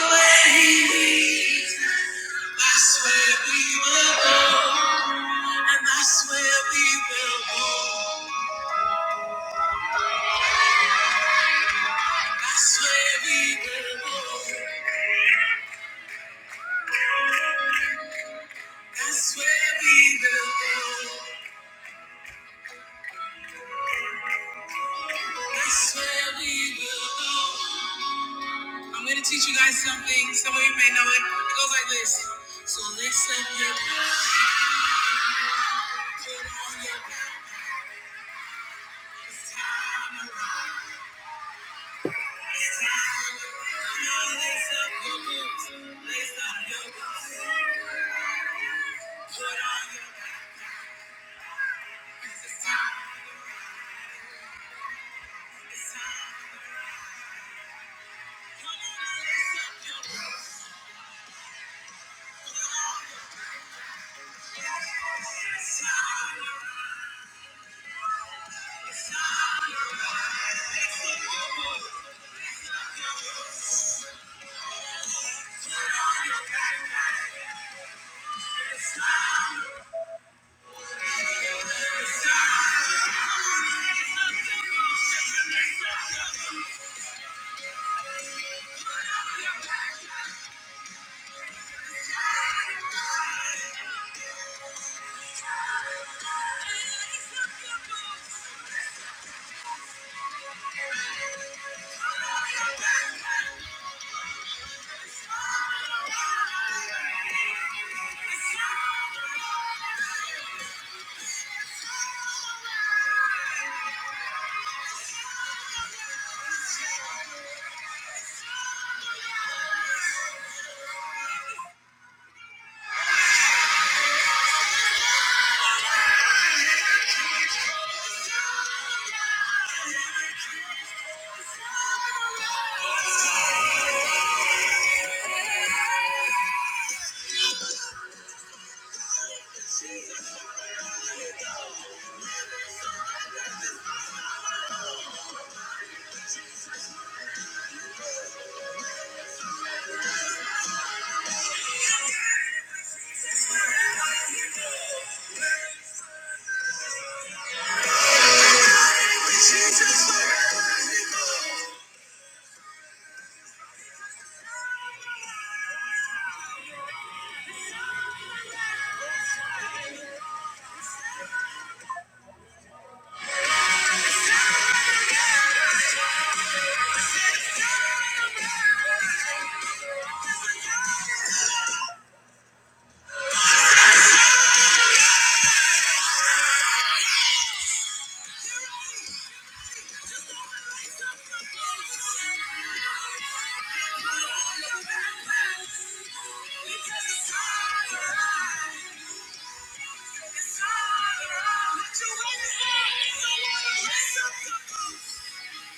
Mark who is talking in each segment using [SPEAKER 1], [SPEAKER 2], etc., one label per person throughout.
[SPEAKER 1] That's where we will go, and that's we will go. That's where we will go. That's where we will go. That's where we will go. I'm gonna teach you guys something. Some of you may know it. It goes like this. So lift up your boots. put on your best armor. Come on, lift up your boots. Lift up your boots. Put on your best armor. It's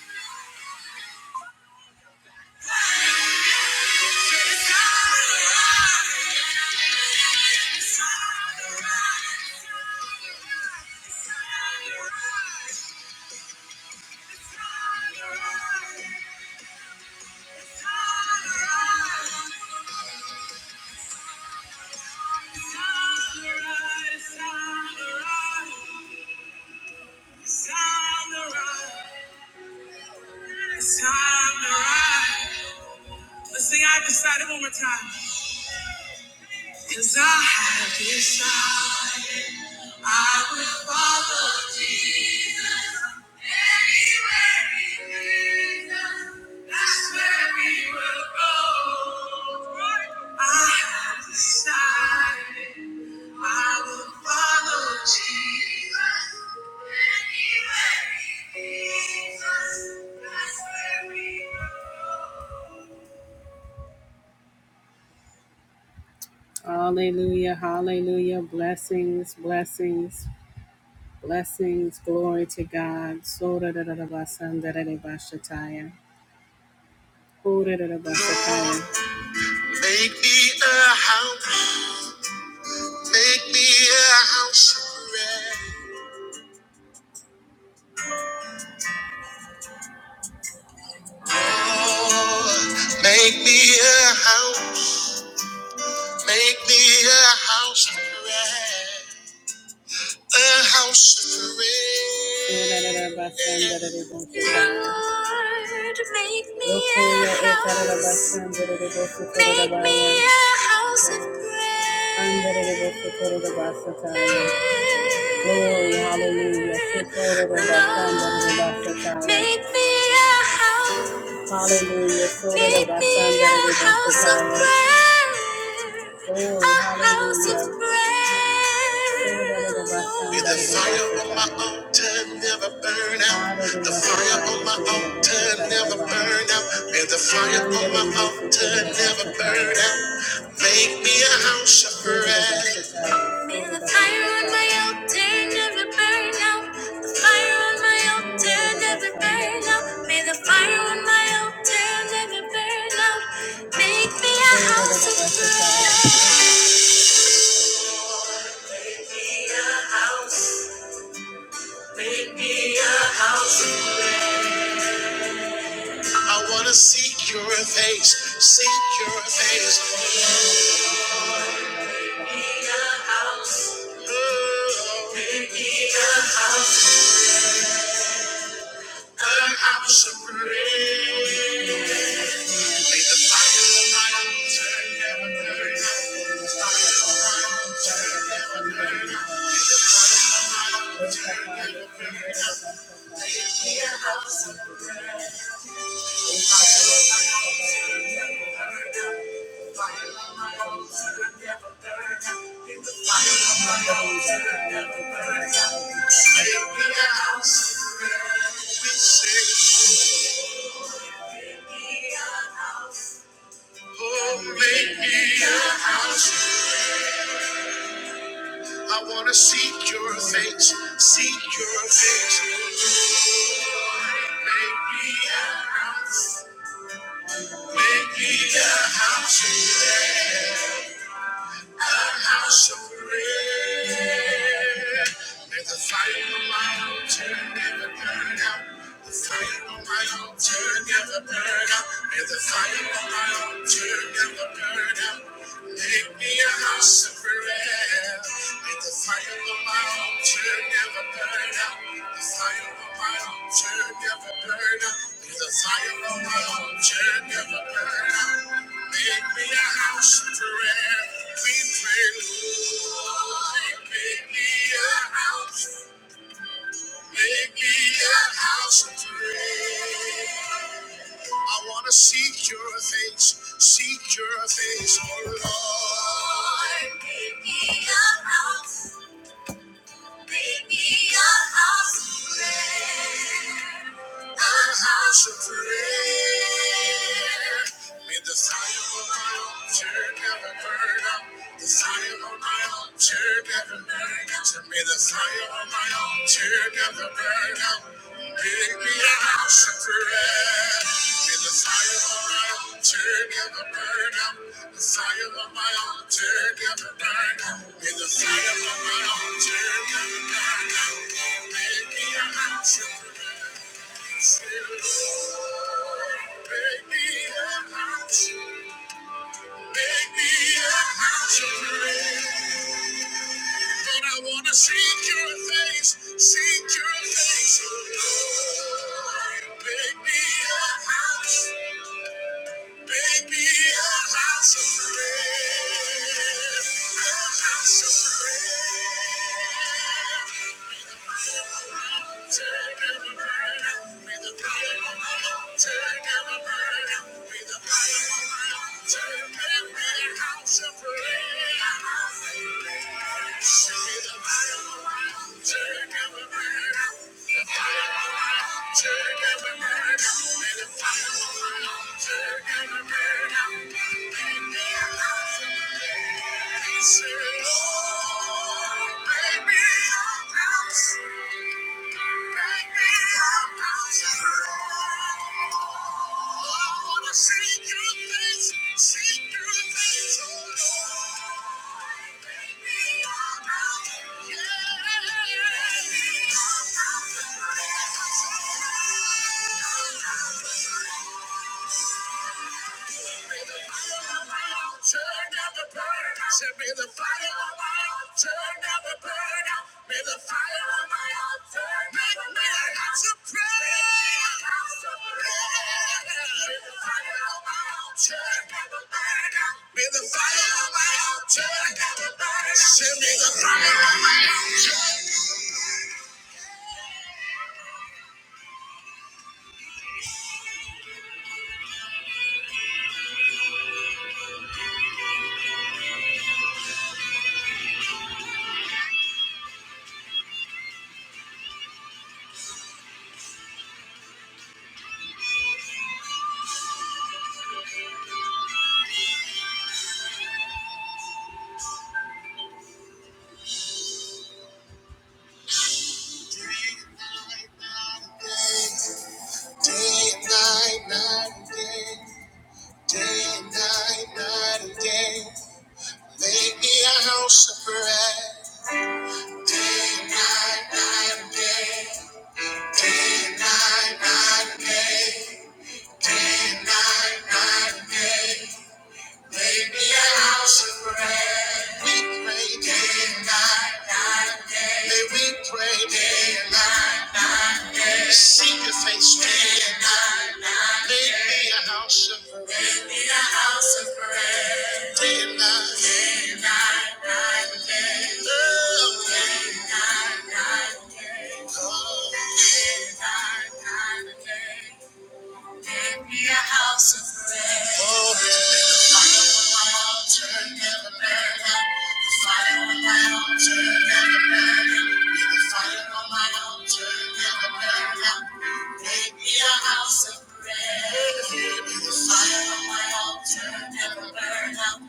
[SPEAKER 1] all right. It's time to ride. Let's sing I decided one more time. Cause I have decided I will follow Jesus anywhere he leads us. That's where we will go. I have decided I will follow Jesus. Hallelujah, hallelujah, blessings, blessings, blessings, glory to God. So da da da da ba san da da da ba shataya. Ho da da da ba shataya. Make me a house, make me a house of prayer. Lord, Make me a house. Make me a house of prayer. A house of prayer. Lord, make me a house. Make me a house of prayer. Glory, hallelujah. Make me a house. Hallelujah. Sort me a house of prayer, a house of prayer. May the fire on my altar never burn out. The fire on my altar never burn out. May the fire on my altar never burn out. Make me a house of prayer. May the fire on my altar never burn out. The fire on my altar never burn out. May the fire on my altar never burn out. Make me a house of prayer. Make me. I wanna seek your face, seek your face. Oh, a house of prayer. I want to seek your face, seek your face. Make me a house, make me a house. today. house of prayer. May the fire on my altar never burn out. The fire on my altar never burn out. May the fire on my altar never burn out. Make me a house of prayer. May the fire of my altar never burn out. The fire of my altar never burn out. The fire of my altar never burn out. Make me a house of prayer. We pray, Lord, make me a house. Make me a house of prayer. I want to seek your face, seek your face, oh Lord. Make me a A house of prayer. May the fire on my altar never burn out. The fire on my altar never burn out. May the fire on my altar never burn out. Make me a house of prayer. The fire on my altar never burn out. The fire on my altar never burn out. May the fire on my altar never burn out. Make me a house of prayer. Make me a house. Make me a house of prayer. Lord, I want to seek your face, seek your face, oh Lord. Make me a house. Turn every bird out. He said, Lord, make me a house. Make me a house. I wanna see good things, see good things, oh Lord. Make me a house. Yeah. Make me a house. Turn up the burn. Said, may the fire on my altar never burn out. May the fire on my altar never burn out. May, may I got to pray. I Got to pray. May the fire on my altar never burn out. May the fire on my altar never burn out. Send me the fire on my altar. Day and night, night and day. Day and night, night and day. Make me a house of prayer. We pray day, may we pray day and night. Seek your face day and night. Make me a house of prayer. Day and night. Day and night, night and day. Make me a house of prayer. Fire on my altar, never burn out. Fire on my altar, never burn out. Build a fire on my altar, never burn out. Make me a house of red. Fire on my altar, never burn out.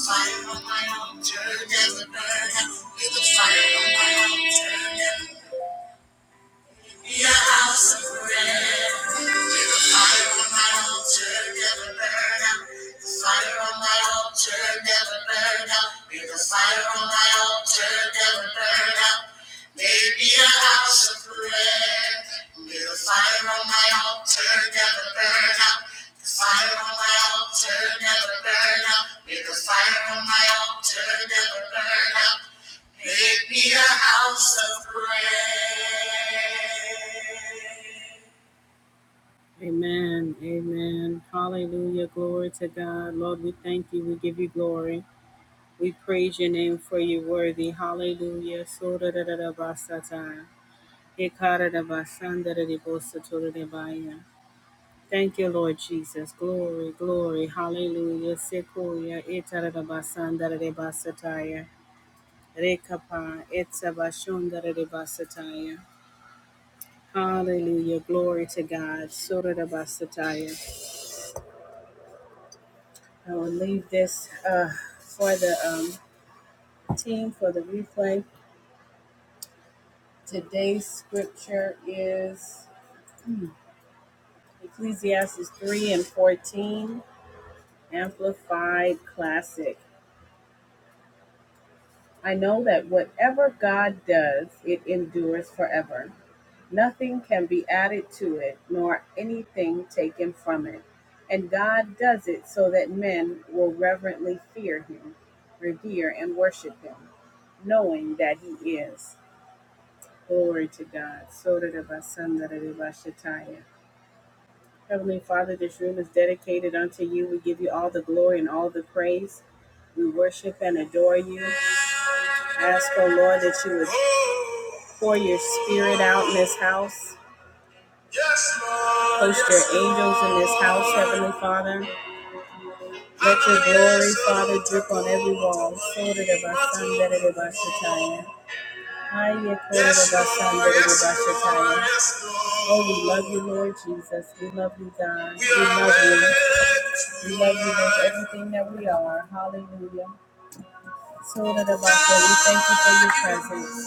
[SPEAKER 1] Fire on my altar, never burn out. Build a fire on my altar, never burn out. Make me a house of red. Fire on my altar, never burn out. The fire on my altar, never burn out. May the fire on my altar never burn out. May it a house of prayer. May the fire on my altar never burn out. The fire on my altar never burn out. May the fire on my altar never burn out. Make me a house of prayer. Amen. Amen. Hallelujah. Glory to God. Lord, we thank you. We give you glory. We praise your name for you worthy. Hallelujah. So da da da da ba sa da da da di bo to da da ba Thank you, Lord Jesus. Glory, glory. Hallelujah. Sequoia. Eta da da ba san da di ba Rekapa. Etsa da di ba Hallelujah. Glory to God. So da da ba I will leave this uh, for the um, team for the replay. Today's scripture is hmm, Ecclesiastes 3 and 14, Amplified Classic. I know that whatever God does, it endures forever. Nothing can be added to it, nor anything taken from it. And God does it so that men will reverently fear him, revere, and worship him, knowing that he is. Glory to God. Shataya. Heavenly Father, this room is dedicated unto you. We give you all the glory and all the praise. We worship and adore you. Ask, O Lord, that you would pour your spirit out in this house. Yes, Lord. Host your Yes, angels in this house, Lord. Heavenly Father. Let your glory, Father, drip on every wall. Shataya. Hi, Yes, Lord. Yes, Lord. Yes, Lord. Oh, we love you, Lord Jesus. We love you, God. We, love you. We love you with everything that we are. Hallelujah. So that about that, we thank you for your presence.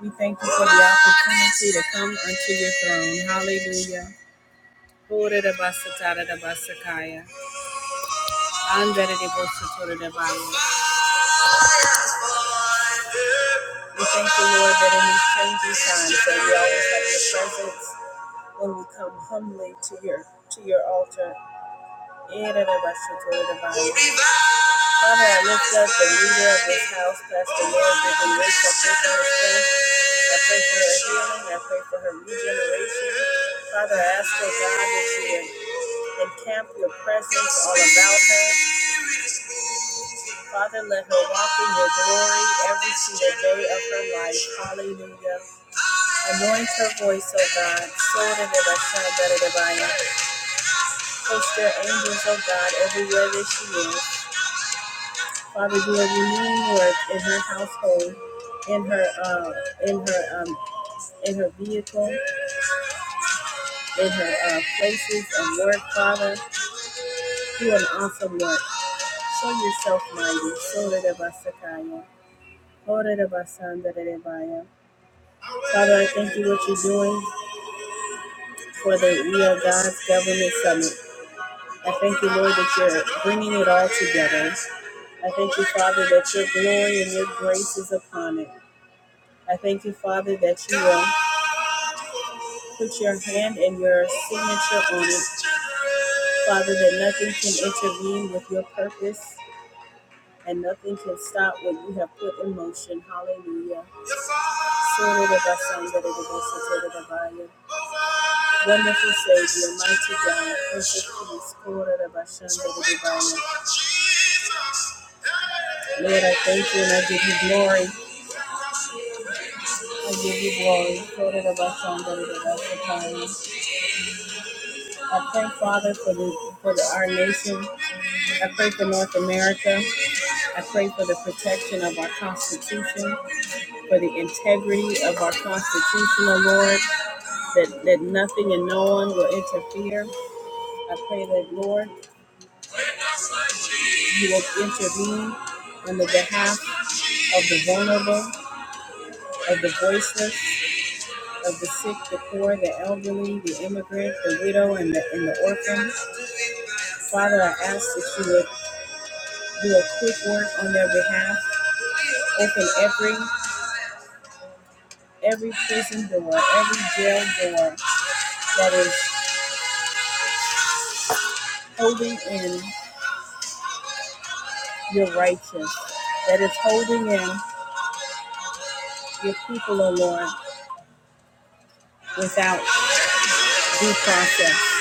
[SPEAKER 1] We thank you for the opportunity to come unto your throne. Hallelujah. Ora da basa ta da da basa kaya. Anda da de bosa to da da baya. We thank you, Lord, that in these changing times that we always have your presence. when we come humbly to your to your altar. In and of us, your glory divine. Father, I lift up the leader of this house, Pastor Lord Vivian Rich. I pray for her strength. I pray for her healing. I pray for her regeneration. Father, I ask, oh God, that you would encamp your presence all about her. Father, let her walk in your glory every single day of her life. Hallelujah. Anoint her voice, oh God. So that it shall better divine. Post your angels, of God, everywhere that she is. Father, do a renewing work in her household, in her, uh, in her, um, in her vehicle, in her uh, places and work. Father, do an awesome work. Show yourself mighty. Sora de Basakaya. Ora de Basanda de Rebaya. Father, I thank you what you're doing for the We Are God's Government Summit. I thank you, Lord, that you're bringing it all together. I thank you, Father, that your glory and your grace is upon it. I thank you, Father, that you will put your hand and your signature on it. Father, that nothing can intervene with your purpose and nothing can stop what you have put in motion. Hallelujah. Wonderful Savior, mighty God, perfect Peace. Lord, I thank you and I give you glory. I give you glory. I pray, Father, for the for the, our nation. I pray for North America. I pray for the protection of our Constitution, for the integrity of our Constitution, O Lord, that, that nothing and no one will interfere. I pray that, Lord, you will intervene on the behalf of the vulnerable, of the voiceless, of the sick, the poor, the elderly, the immigrant, the widow, and the, and the orphan. Father, I ask that you would do a quick work on their behalf. Open every every prison door, every jail door that is holding in your righteous, that is holding in your people, O Lord, without due process.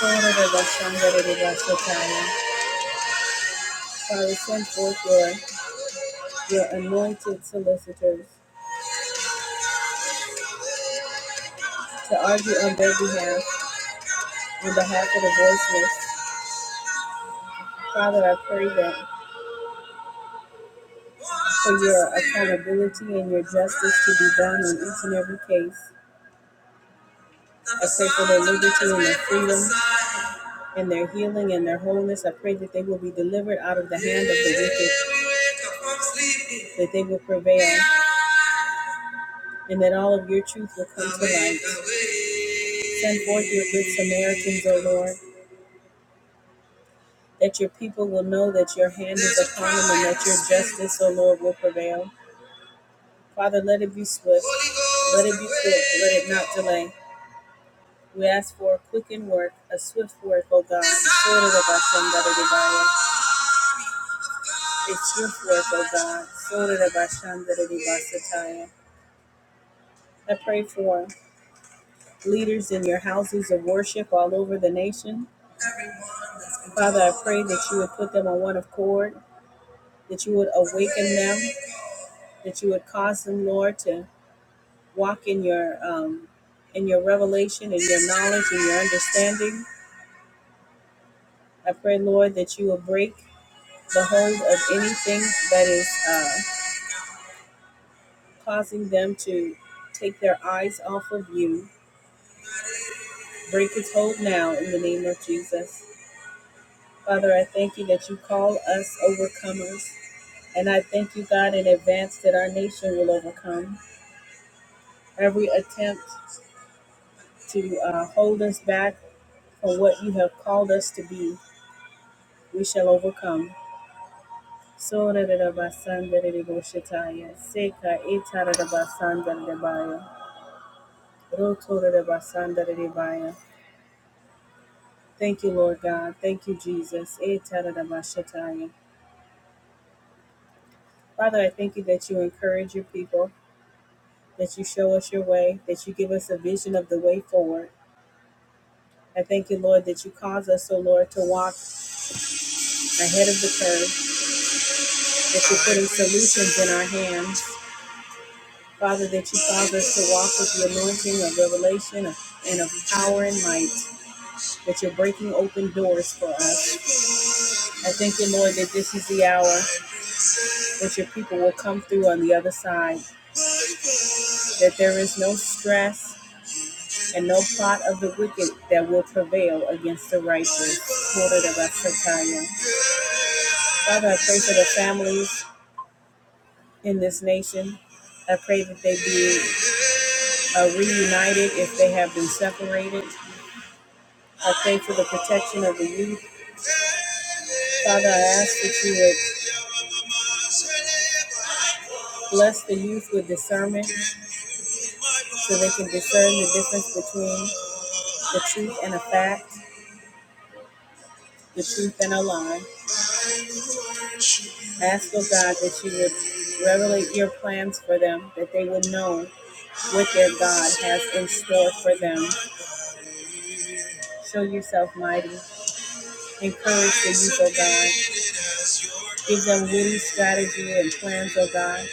[SPEAKER 1] Father, send forth your, your anointed solicitors to argue on their behalf, on behalf of the voiceless. Father, I pray that for your accountability and your justice to be done in each and every case. I pray for their liberty and their freedom and their healing and their wholeness. I pray that they will be delivered out of the hand of the wicked, that they will prevail, and that all of your truth will come to light. Send forth your good Samaritans, O Lord, that your people will know that your hand is upon them and that your justice, O Lord, will prevail. Father, let it be swift, let it be quick, let it not delay. We ask for a quickened work, a swift work, O God, sorted of Bashandaribaya, a swift work, O God, sorted of Bashandaribasataya. I pray for leaders in your houses of worship all over the nation. And Father, I pray that you would put them on one accord, that you would awaken them, that you would cause them, Lord, to walk in your um, in your revelation and your knowledge and your understanding. I pray, Lord, that you will break the hold of anything that is. Uh, causing them to take their eyes off of you. Break its hold now in the name of Jesus. Father, I thank you that you call us overcomers. And I thank you, God, in advance that our nation will overcome every attempt to uh, hold us back from what you have called us to be. We shall overcome. Rotorabasandararebaya. Thank you, Lord God. Thank you, Jesus. Eh, tadadabashataya. Father, I thank you that you encourage your people, that you show us your way, that you give us a vision of the way forward. I thank you, Lord, that you cause us, oh Lord, to walk ahead of the curve, that you're putting solutions in our hands. Father, that you cause us to walk with the anointing of revelation and of power and might, that you're breaking open doors for us. I thank you, Lord, that this is the hour that your people will come through on the other side. that there is no stress and no plot of the wicked that will prevail against the righteous. Quoted of Asataya. Father, I pray for the families in this nation. I pray that they be uh, reunited if they have been separated. I pray for the protection of the youth. Father, I ask that you would bless the youth with discernment so they can discern the difference between the truth and a fact, the truth and a lie. Ask, O God, that you would revelate your plans for them, that they would know what their God has in store for them. Show yourself mighty. Encourage the youth, O God. Give them witty strategy and plans, O God,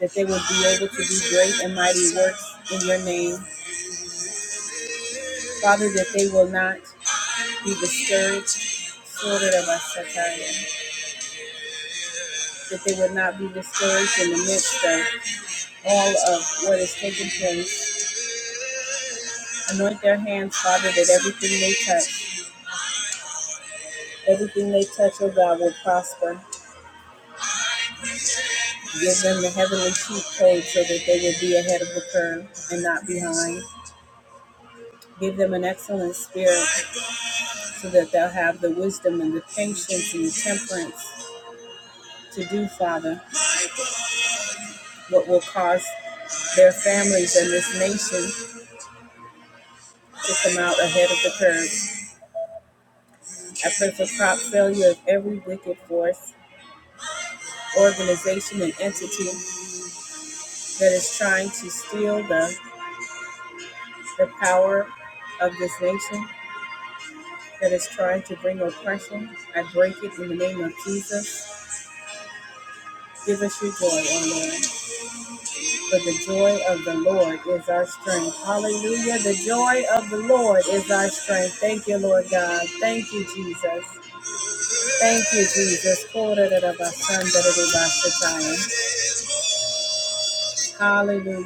[SPEAKER 1] that they will be able to do great and mighty works in your name. Father, that they will not be discouraged. Sort That they would not be discouraged in the midst of all of what is taking place. Anoint their hands, Father, that everything they touch Everything they touch, oh God, will prosper. Give them the heavenly cheat code so that they will be ahead of the curve and not behind. Give them an excellent spirit so that they'll have the wisdom and the patience and the temperance to do, Father, what will cause their families and this nation to come out ahead of the curve. I pray for crop failure of every wicked force, organization, and entity that is trying to steal the, the power of this nation. that is trying to bring oppression. I break it in the name of Jesus. Give us your joy, O Lord. For the joy of the Lord is our strength. Hallelujah. The joy of the Lord is our strength. Thank you, Lord God. Thank you, Jesus. Thank you, Jesus. Hallelujah.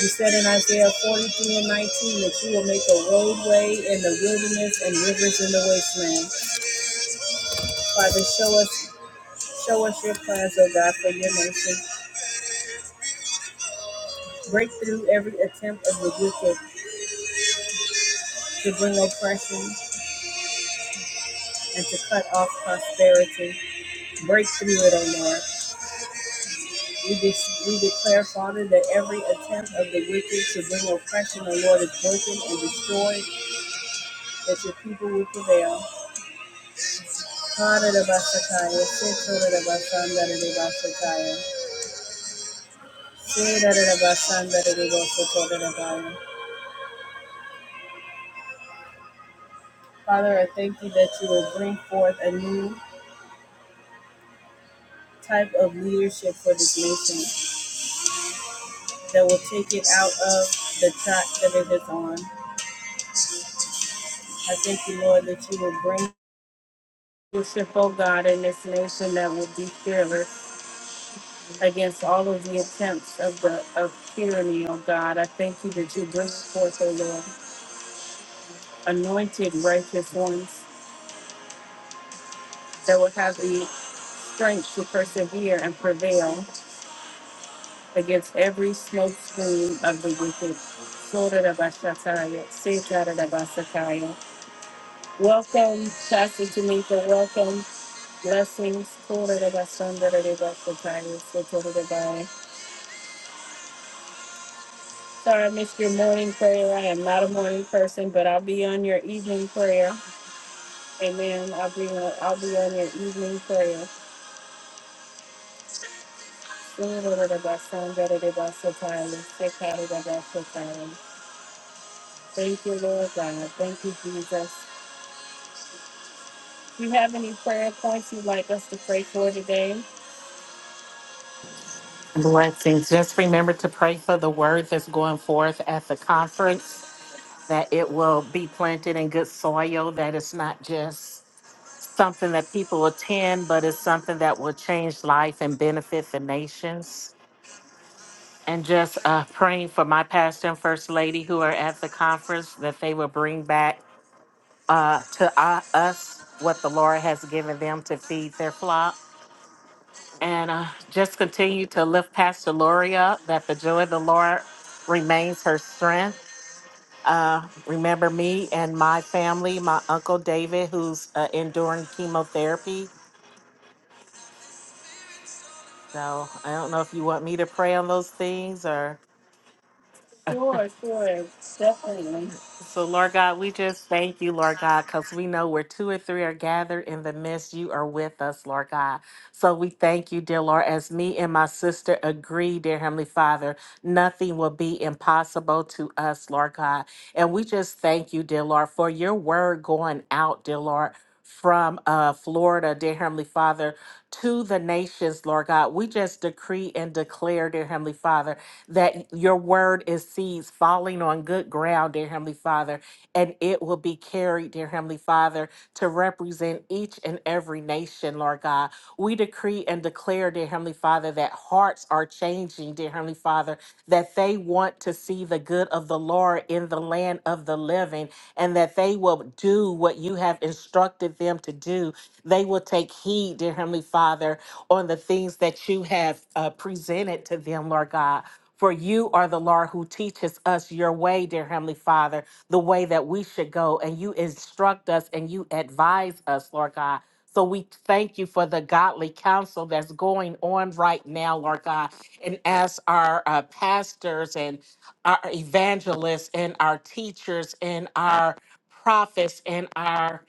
[SPEAKER 1] You said in Isaiah 43 and 19 that you will make a roadway in the wilderness and rivers in the wasteland. Father, show us Show us your plans, O God, for your nation. Break through every attempt of the wicked to bring oppression and to cut off prosperity. Break through it, O Lord. We, de- we declare, Father, that every attempt of the wicked to bring oppression, O Lord, is broken and destroyed, that your people will prevail. Haradabasakaya, Setoradabasandadadabasakaya, Sedadadabasandadadabasakaya. Father, I thank you that you will bring forth a new type of leadership for this nation that will take it out of the track that it is on. I thank you, Lord, that you will bring leadership, oh God, in this nation that will be fearless against all of the attempts of the of tyranny, oh God. I thank you that you bring forth, oh Lord, anointed righteous ones that will have the strength to persevere and prevail against every smoke screen of the wicked. Welcome, Pastor Tamika. Welcome. Blessings. That's the time it's the time. Sorry I missed your morning prayer. I am not a morning person, but I'll be on your evening prayer. Amen. I'll be on, I'll be on your evening prayer. Sing a little about song better than about so time. Sick out of that, about so time. Thank you, Lord God. Thank you, Jesus. Do you have any prayer points you'd like us to pray for today,
[SPEAKER 2] Blessings. Just remember to pray for the word that's going forth at the conference, that it will be planted in good soil, that it's not just something that people attend, but it's something that will change life and benefit the nations. And just uh, praying for my pastor and first lady who are at the conference, that they will bring back uh, to uh, us what the Lord has given them to feed their flock And uh, just continue to lift Pastor Lori up, that the joy of the Lord remains her strength. Uh, remember me and my family, my uncle David, who's uh, enduring chemotherapy. So I don't know if you want me to pray on those things or.
[SPEAKER 1] sure.
[SPEAKER 2] So, Lord God, we just thank you, Lord God, because we know where two or three are gathered in the midst, you are with us, Lord God. So, we thank you, dear Lord, as me and my sister agree, dear Heavenly Father, nothing will be impossible to us, Lord God. And we just thank you, dear Lord, for your word going out, dear Lord. From uh, Florida, dear Heavenly Father, to the nations, Lord God. We just decree and declare, dear Heavenly Father, that your word is seeds falling on good ground, dear Heavenly Father, and it will be carried, dear Heavenly Father, to represent each and every nation, Lord God. We decree and declare, dear Heavenly Father, that hearts are changing, dear Heavenly Father, that they want to see the good of the Lord in the land of the living, and that they will do what you have instructed them to do. They will take heed, dear Heavenly Father, on the things that you have uh, presented to them, Lord God. For you are the Lord who teaches us your way, dear Heavenly Father, the way that we should go. And you instruct us and you advise us, Lord God. So we thank you for the godly counsel that's going on right now, Lord God. And as our uh, pastors and our evangelists and our teachers and our prophets and our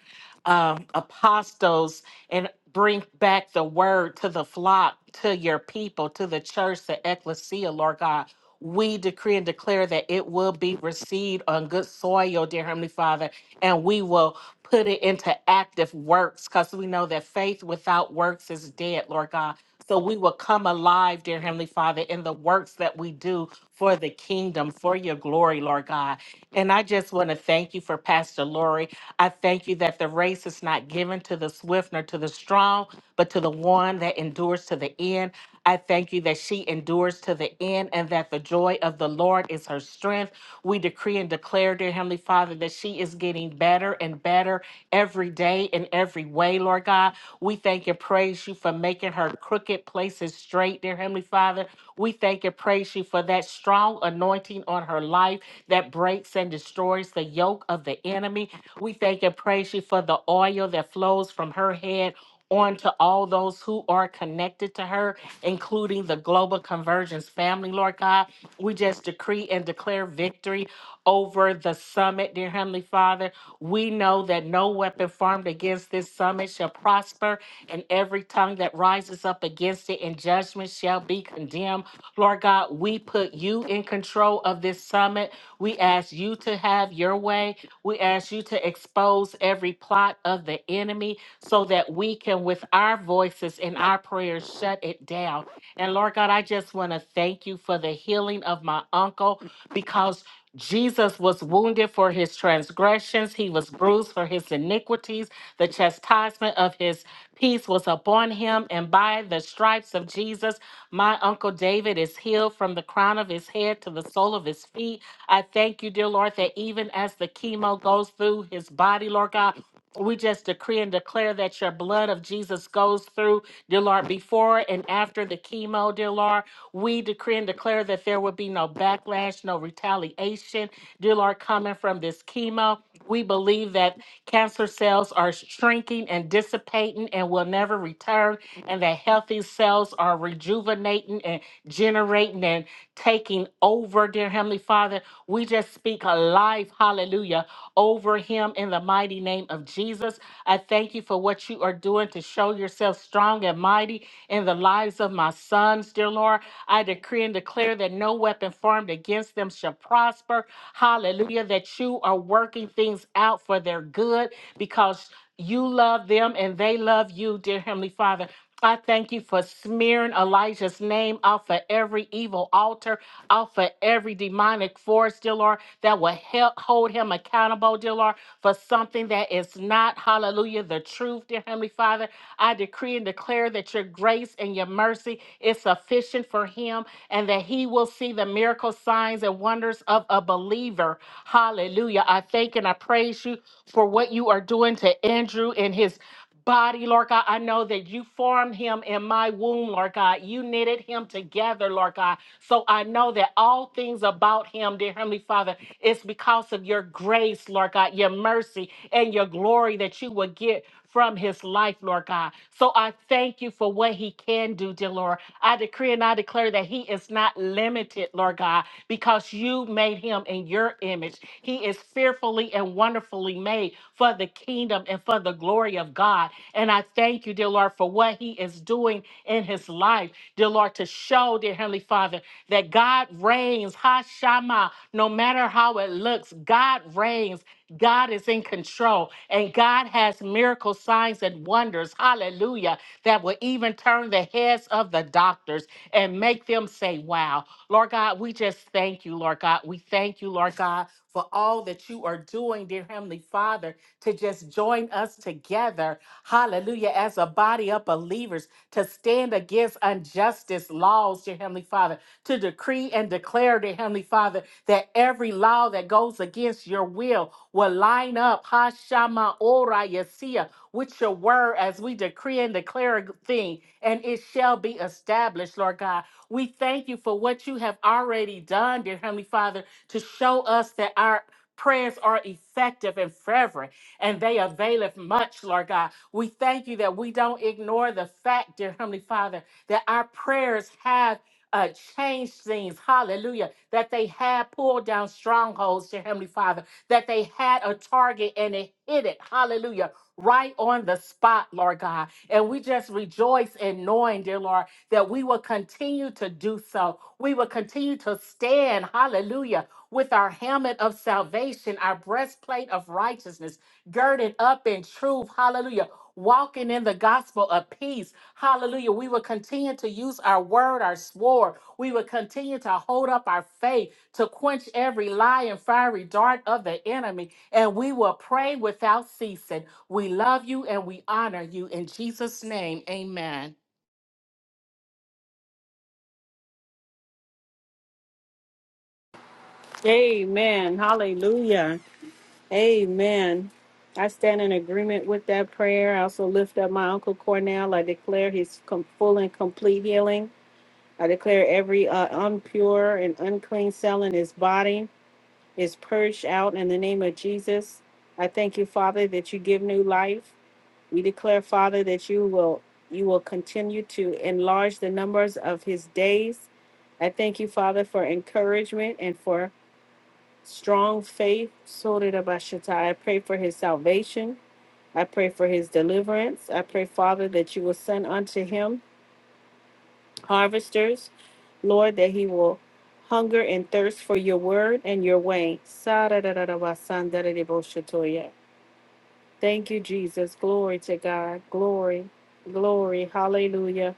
[SPEAKER 2] uh, apostles and bring back the word to the flock, to your people, to the church, the ecclesia, Lord God. We decree and declare that it will be received on good soil, dear Heavenly Father, and we will put it into active works because we know that faith without works is dead, Lord God so we will come alive, dear Heavenly Father, in the works that we do for the kingdom, for your glory, Lord God. And I just want to thank you for Pastor Lori. I thank you that the race is not given to the swift nor to the strong, but to the one that endures to the end. I thank you that she endures to the end and that the joy of the Lord is her strength. We decree and declare, dear Heavenly Father, that she is getting better and better every day in every way, Lord God. We thank and praise you for making her crooked places straight, dear Heavenly Father. We thank and praise you for that strong anointing on her life that breaks and destroys the yoke of the enemy. We thank and praise you for the oil that flows from her head on to all those who are connected to her, including the Global Convergence family, Lord God. We just decree and declare victory over the summit, dear Heavenly Father. We know that no weapon formed against this summit shall prosper, and every tongue that rises up against it in judgment shall be condemned. Lord God, we put you in control of this summit. We ask you to have your way. We ask you to expose every plot of the enemy so that we can, with our voices and our prayers, shut it down and Lord God, I just want to thank you for the healing of my uncle because Jesus was wounded for his transgressions, he was bruised for his iniquities. The chastisement of his peace was upon him, and by the stripes of Jesus, my uncle David is healed from the crown of his head to the sole of his feet. I thank you, dear Lord, that even as the chemo goes through his body, Lord God, we just decree and declare that your blood of Jesus goes through, dear Lord, before and after the chemo, dear Lord. We decree and declare that there will be no backlash, no retaliation, dear Lord, coming from this chemo. We believe that cancer cells are shrinking and dissipating and will never return, and that healthy cells are rejuvenating and generating and taking over, dear Heavenly Father. We just speak a life, hallelujah, over him in the mighty name of Jesus. I thank you for what you are doing to show yourself strong and mighty in the lives of my sons, dear Lord. I decree and declare that no weapon formed against them shall prosper. Hallelujah, that you are working things out for their good because you love them and they love you, dear Heavenly Father. I thank you for smearing Elijah's name off of every evil altar, off of every demonic force, dear Lord, that will help hold him accountable, dear Lord, for something that is not, hallelujah, the truth, dear Heavenly Father. I decree and declare that your grace and your mercy is sufficient for him and that he will see the miracle signs and wonders of a believer. Hallelujah. I thank and I praise you for what you are doing to Andrew and his body, Lord God. I know that you formed him in my womb, Lord God. You knitted him together, Lord God. So I know that all things about him, dear Heavenly Father, it's because of your grace, Lord God, your mercy and your glory that you will get from his life, Lord God. So I thank you for what he can do, dear Lord. I decree and I declare that he is not limited, Lord God, because you made him in your image. He is fearfully and wonderfully made for the kingdom and for the glory of God. And I thank you, dear Lord, for what He is doing in His life, dear Lord, to show, dear Heavenly Father, that God reigns, Hashama, no matter how it looks, God reigns. God is in control and God has miracle signs and wonders, hallelujah, that will even turn the heads of the doctors and make them say, Wow. Lord God, we just thank you, Lord God. We thank you, Lord God for all that you are doing, dear Heavenly Father, to just join us together, hallelujah, as a body of believers to stand against injustice laws, dear Heavenly Father, to decree and declare, dear Heavenly Father, that every law that goes against your will will line up, Hashama Ora Yesia, with your word as we decree and declare a thing, and it shall be established, Lord God. We thank you for what you have already done, dear Heavenly Father to show us that our prayers are effective and fervent and they availeth much, Lord God. We thank you that we don't ignore the fact, dear Heavenly Father, that our prayers have. Uh, changed things, hallelujah, that they had pulled down strongholds, dear Heavenly Father, that they had a target and it hit it, hallelujah, right on the spot, Lord God. And we just rejoice in knowing, dear Lord, that we will continue to do so. We will continue to stand, hallelujah, with our helmet of salvation, our breastplate of righteousness, girded up in truth. Hallelujah. Walking in the gospel of peace. Hallelujah. We will continue to use our word, our sword. We will continue to hold up our faith to quench every lie and fiery dart of the enemy. And we will pray without ceasing. We love you and we honor you. In Jesus' name, amen.
[SPEAKER 1] Amen. Hallelujah. Amen. I stand in agreement with that prayer. I also lift up my Uncle Cornell. I declare his com- full and complete healing. I declare every uh, unpure and unclean cell in his body is purged out in the name of Jesus. I thank you, Father, that you give new life. We declare, Father, that you will you will continue to enlarge the numbers of his days. I thank you, Father, for encouragement and for strong faith. Sotirabashita. I pray for his salvation. I pray for his deliverance. I pray, Father, that you will send unto him harvesters, Lord, that he will hunger and thirst for your word and your way. Sararararabasandarabashatoya. Thank you, Jesus. Glory to God. Glory, glory. Hallelujah.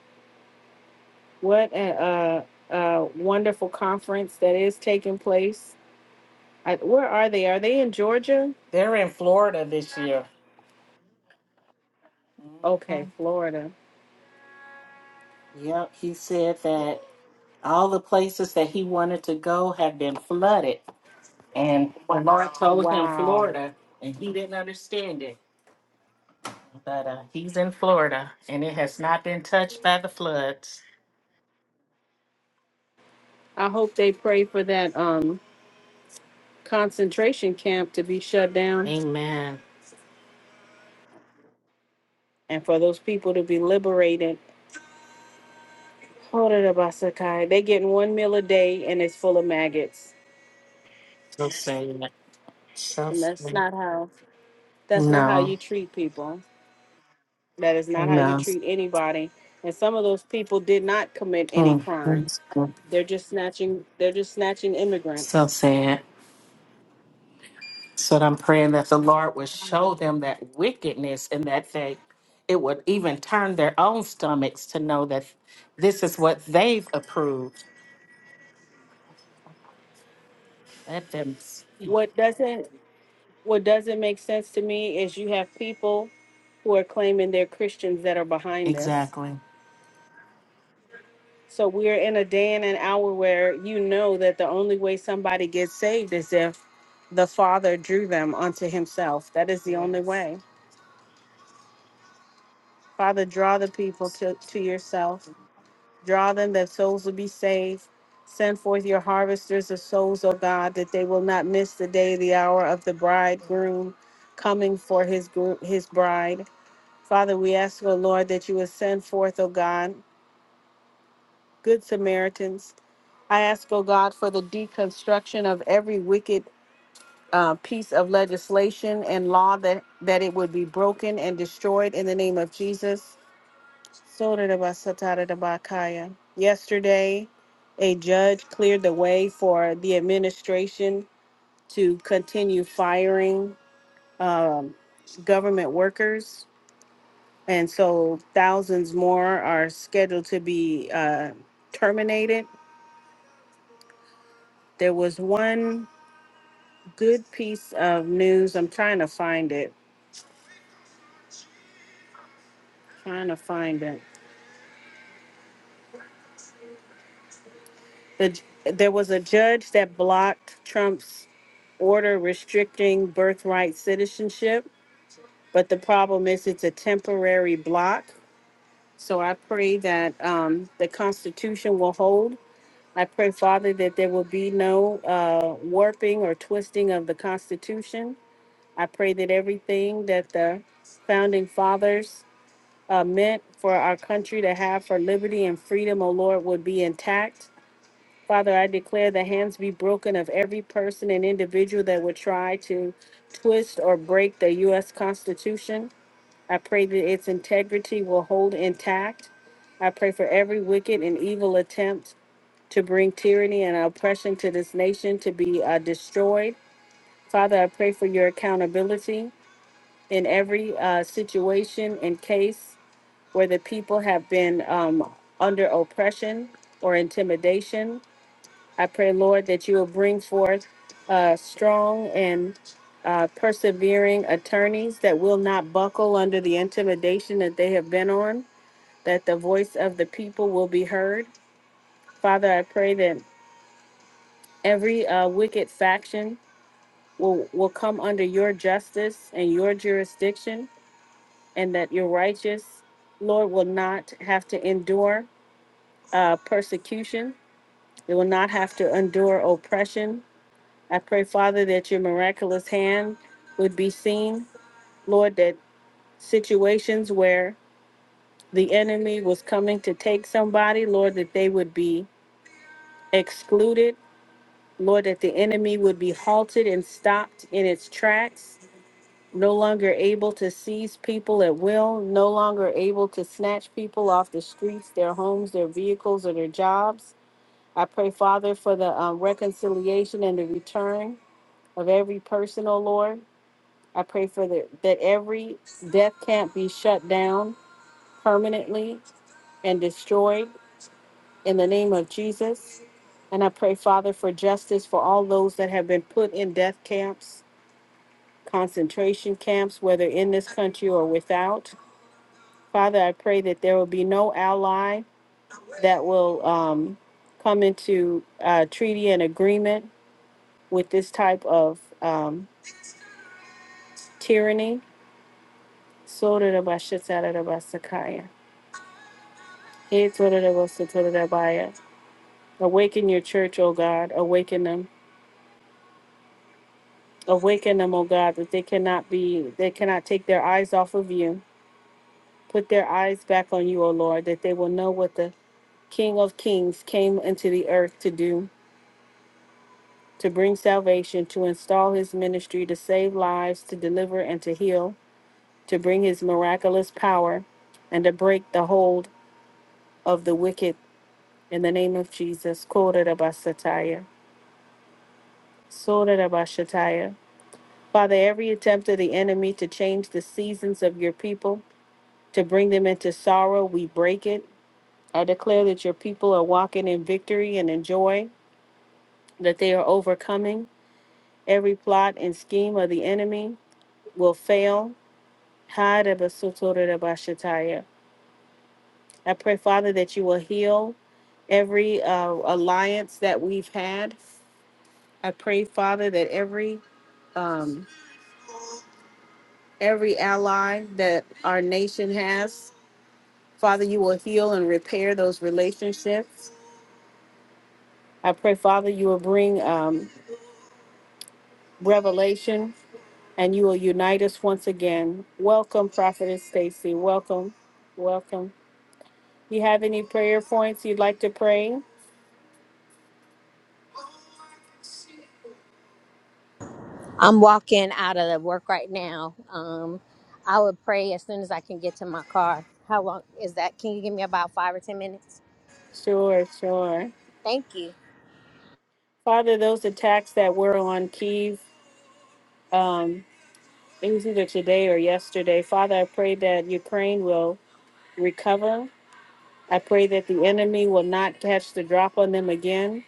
[SPEAKER 1] What a, a, a wonderful conference that is taking place. I, where are they? Are they in Georgia?
[SPEAKER 2] They're in Florida this year.
[SPEAKER 1] Okay,
[SPEAKER 2] Mhm.
[SPEAKER 1] Florida.
[SPEAKER 2] Yep, he said that. all the places that he wanted to go have been flooded. And when Lord told him
[SPEAKER 1] Wow.
[SPEAKER 2] Florida, and he didn't understand it, but uh, he's in Florida, and it has not been touched by the floods.
[SPEAKER 1] I hope they pray for that um concentration camp to be shut down
[SPEAKER 2] Amen.
[SPEAKER 1] and for those people to be liberated. Hold it up, Asakai. They getting one meal a day and it's full of maggots.
[SPEAKER 2] So sad. So
[SPEAKER 1] And that's
[SPEAKER 2] sad.
[SPEAKER 1] not how that's not how
[SPEAKER 2] No,
[SPEAKER 1] you treat people. That is not how you
[SPEAKER 2] no.
[SPEAKER 1] treat anybody. And some of those people did not commit any
[SPEAKER 2] Mm,
[SPEAKER 1] crime.
[SPEAKER 2] mm, mm.
[SPEAKER 1] They're just snatching they're just snatching
[SPEAKER 2] So
[SPEAKER 1] immigrants.
[SPEAKER 2] sad. So I'm praying that the Lord would show them that wickedness and that they it would even turn their own stomachs to know that this is what they've approved Let them see.
[SPEAKER 1] What doesn't What doesn't make sense to me is you have people who are claiming they're Christians that are behind this.
[SPEAKER 2] Exactly.
[SPEAKER 1] So we're in a day and an hour where you know that the only way somebody gets saved is if the Father drew them unto Himself. That is the only
[SPEAKER 2] Yes.
[SPEAKER 1] way. Father, draw the people to, to yourself, draw them that souls will be saved. Send forth your harvesters of souls, O God, that they will not miss the day, the hour of the bridegroom coming for his group, his bride. Father, we ask, O Lord, that you would send forth, O God, good Samaritans. I ask, O God, for the deconstruction of every wicked uh, piece of legislation and law that, that it would be broken and destroyed in the name of Jesus. Sotarabasataradabakaya. Yesterday, a judge cleared the way for the administration to continue firing um, government workers And so thousands more are scheduled to be uh, terminated. There was one good piece of news. I'm trying to find it. Trying to find it. The, there was a judge that blocked Trump's order restricting birthright citizenship, but the problem is it's a temporary block. So I pray that um, the Constitution will hold. I pray, Father, that there will be no uh, warping or twisting of the Constitution I pray that everything that the founding fathers uh, meant for our country to have for liberty and freedom, O Lord, would be intact. Father, I declare the hands be broken of every person and individual that would try to twist or break the U.S. Constitution. I pray that its integrity will hold intact. I pray for every wicked and evil attempt to bring tyranny and oppression to this nation to be uh, destroyed. Father, I pray for your accountability in every uh, situation and case where the people have been um, under oppression or intimidation. I pray, Lord, that you will bring forth uh, strong and uh, persevering attorneys that will not buckle under the intimidation that they have been on, that the voice of the people will be heard. Father, I pray that every uh, wicked faction will, will come under your justice and your jurisdiction and that your righteous, Lord, will not have to endure uh, persecution. They will not have to endure oppression. I pray, Father, that your miraculous hand would be seen. Lord, that situations where the enemy was coming to take somebody, Lord, that they would be excluded. Lord, that the enemy would be halted and stopped in its tracks. no longer able to seize people at will, no longer able to snatch people off the streets, their homes, their vehicles, or their jobs. I pray, Father, for the um, reconciliation and the return of every person, oh Lord. I pray for the, that every death camp be shut down permanently and destroyed in the name of Jesus. And I pray, Father, for justice for all those that have been put in death camps, concentration camps, whether in this country or without. Father, I pray that there will be no ally that will um, come into uh, treaty and agreement with this type of um, tyranny. Sotorabashatarabasakaya. Hetorabasatotorabaya. Awaken your church, O God. Awaken them. Awaken them, O God, that they cannot be, they cannot take their eyes off of you. Put their eyes back on you, O Lord, that they will know what the King of Kings came into the earth to do to bring salvation, to install his ministry, to save lives, to deliver and to heal, to bring his miraculous power, and to break the hold of the wicked in the name of Jesus. Kodarabasataya. Sodarabashataya. Father, every attempt of the enemy to change the seasons of your people, to bring them into sorrow, we break it. I declare that your people are walking in victory and in joy, that they are overcoming. Every plot and scheme of the enemy will fail Hadabasotorebashataya. I pray, Father, that you will heal every uh, alliance that we've had. I pray, Father, that every um, every ally that our nation has, Father, you will heal and repair those relationships. I pray, Father, you will bring um, revelation and you will unite us once again. Welcome, Prophetess Stacy. Welcome, welcome. You have any prayer points you'd like to pray?
[SPEAKER 3] I'm walking out of the work right now. Um, I would pray as soon as I can get to my car. How long is that? Can you give me about five or ten minutes?
[SPEAKER 1] Sure, sure.
[SPEAKER 3] Thank you.
[SPEAKER 1] Father, those attacks that were on Kiev, um, it was either today or yesterday. Father, I pray that Ukraine will recover. I pray that the enemy will not catch the drop on them again.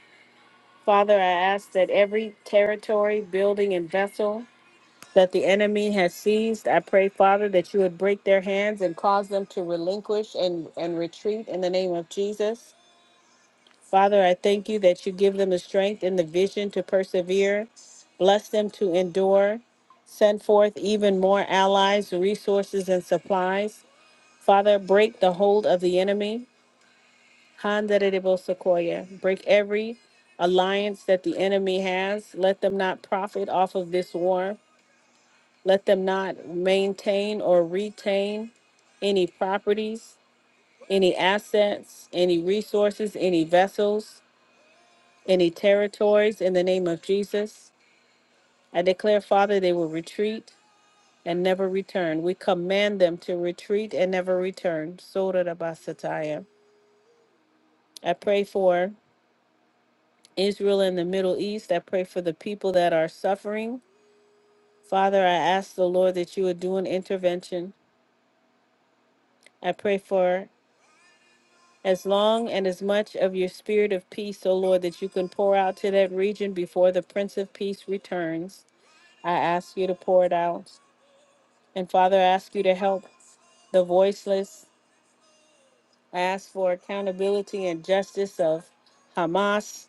[SPEAKER 1] Father, I ask that every territory, building, and vessel that the enemy has seized, I pray, Father, that you would break their hands and cause them to relinquish and, and retreat in the name of Jesus. Father, I thank you that you give them the strength and the vision to persevere. Bless them to endure. Send forth even more allies, resources, and supplies. Father, break the hold of the enemy. Handarebo Sequoia. Break every alliance that the enemy has. Let them not profit off of this war. Let them not maintain or retain any properties, any assets, any resources, any vessels. any territories in the name of Jesus. I declare, Father, they will retreat and never return. We command them to retreat and never return. Sora da basataya. I pray for Israel and the Middle East. I pray for the people that are suffering. Father, I ask the Lord that you would do an intervention. I pray for as long and as much of your spirit of peace, O Lord, that you can pour out to that region before the Prince of Peace returns. I ask you to pour it out. And Father, I ask you to help the voiceless. I ask for accountability and justice of Hamas.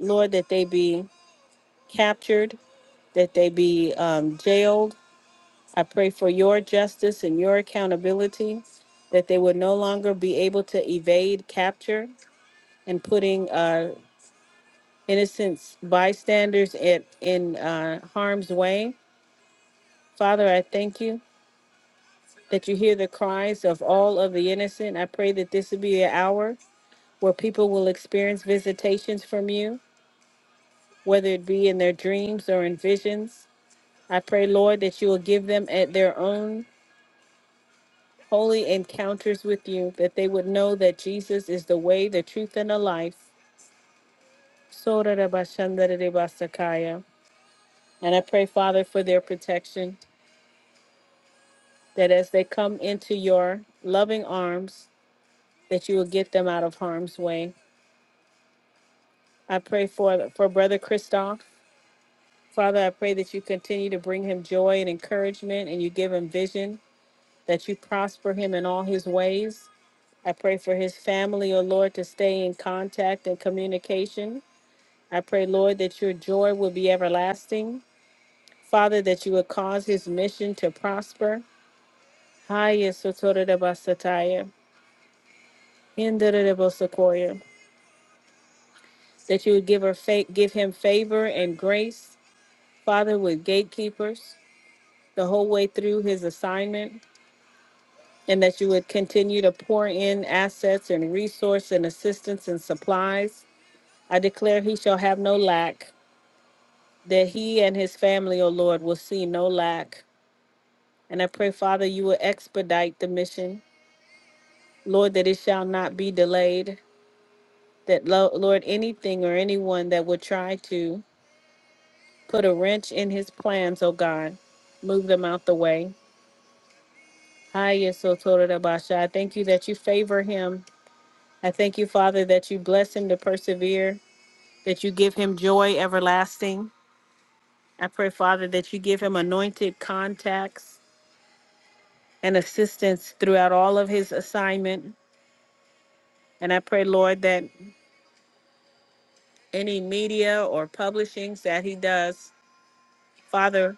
[SPEAKER 1] Lord, that they be captured, that they be um, jailed. I pray for your justice and your accountability, that they would no longer be able to evade capture and putting uh, innocent bystanders at, in uh, harm's way. Father, I thank you that you hear the cries of all of the innocent. I pray that this would be an hour where people will experience visitations from you, whether it be in their dreams or in visions. I pray, Lord, that you will give them at their own holy encounters with you, that they would know that Jesus is the way, the truth, and the life. Sorarabashandarabasakaya. And I pray, Father, for their protection, that as they come into your loving arms, that you will get them out of harm's way. I pray for for Brother Christoph. Father, I pray that you continue to bring him joy and encouragement and you give him vision, that you prosper him in all his ways. I pray for his family, O Lord, to stay in contact and communication. I pray, Lord, that your joy will be everlasting. Father, that you would cause his mission to prosper. Haya sotora da basataya, hindera da bosakoya. That you would give her fa- give him favor and grace, Father, with gatekeepers the whole way through his assignment. and that you would continue to pour in assets and resource and assistance and supplies. I declare he shall have no lack, that he and his family, O Lord, will see no lack. And I pray, Father, you will expedite the mission, Lord, that it shall not be delayed, that, Lo- Lord, anything or anyone that would try to put a wrench in his plans, O God, move them out the way. Hiya Sotorabasha. I thank you that you favor him. I thank you, Father, that you bless him to persevere. that you give him joy everlasting. I pray, Father, that you give him anointed contacts and assistance throughout all of his assignment. And I pray, Lord, that any media or publishings that he does, Father,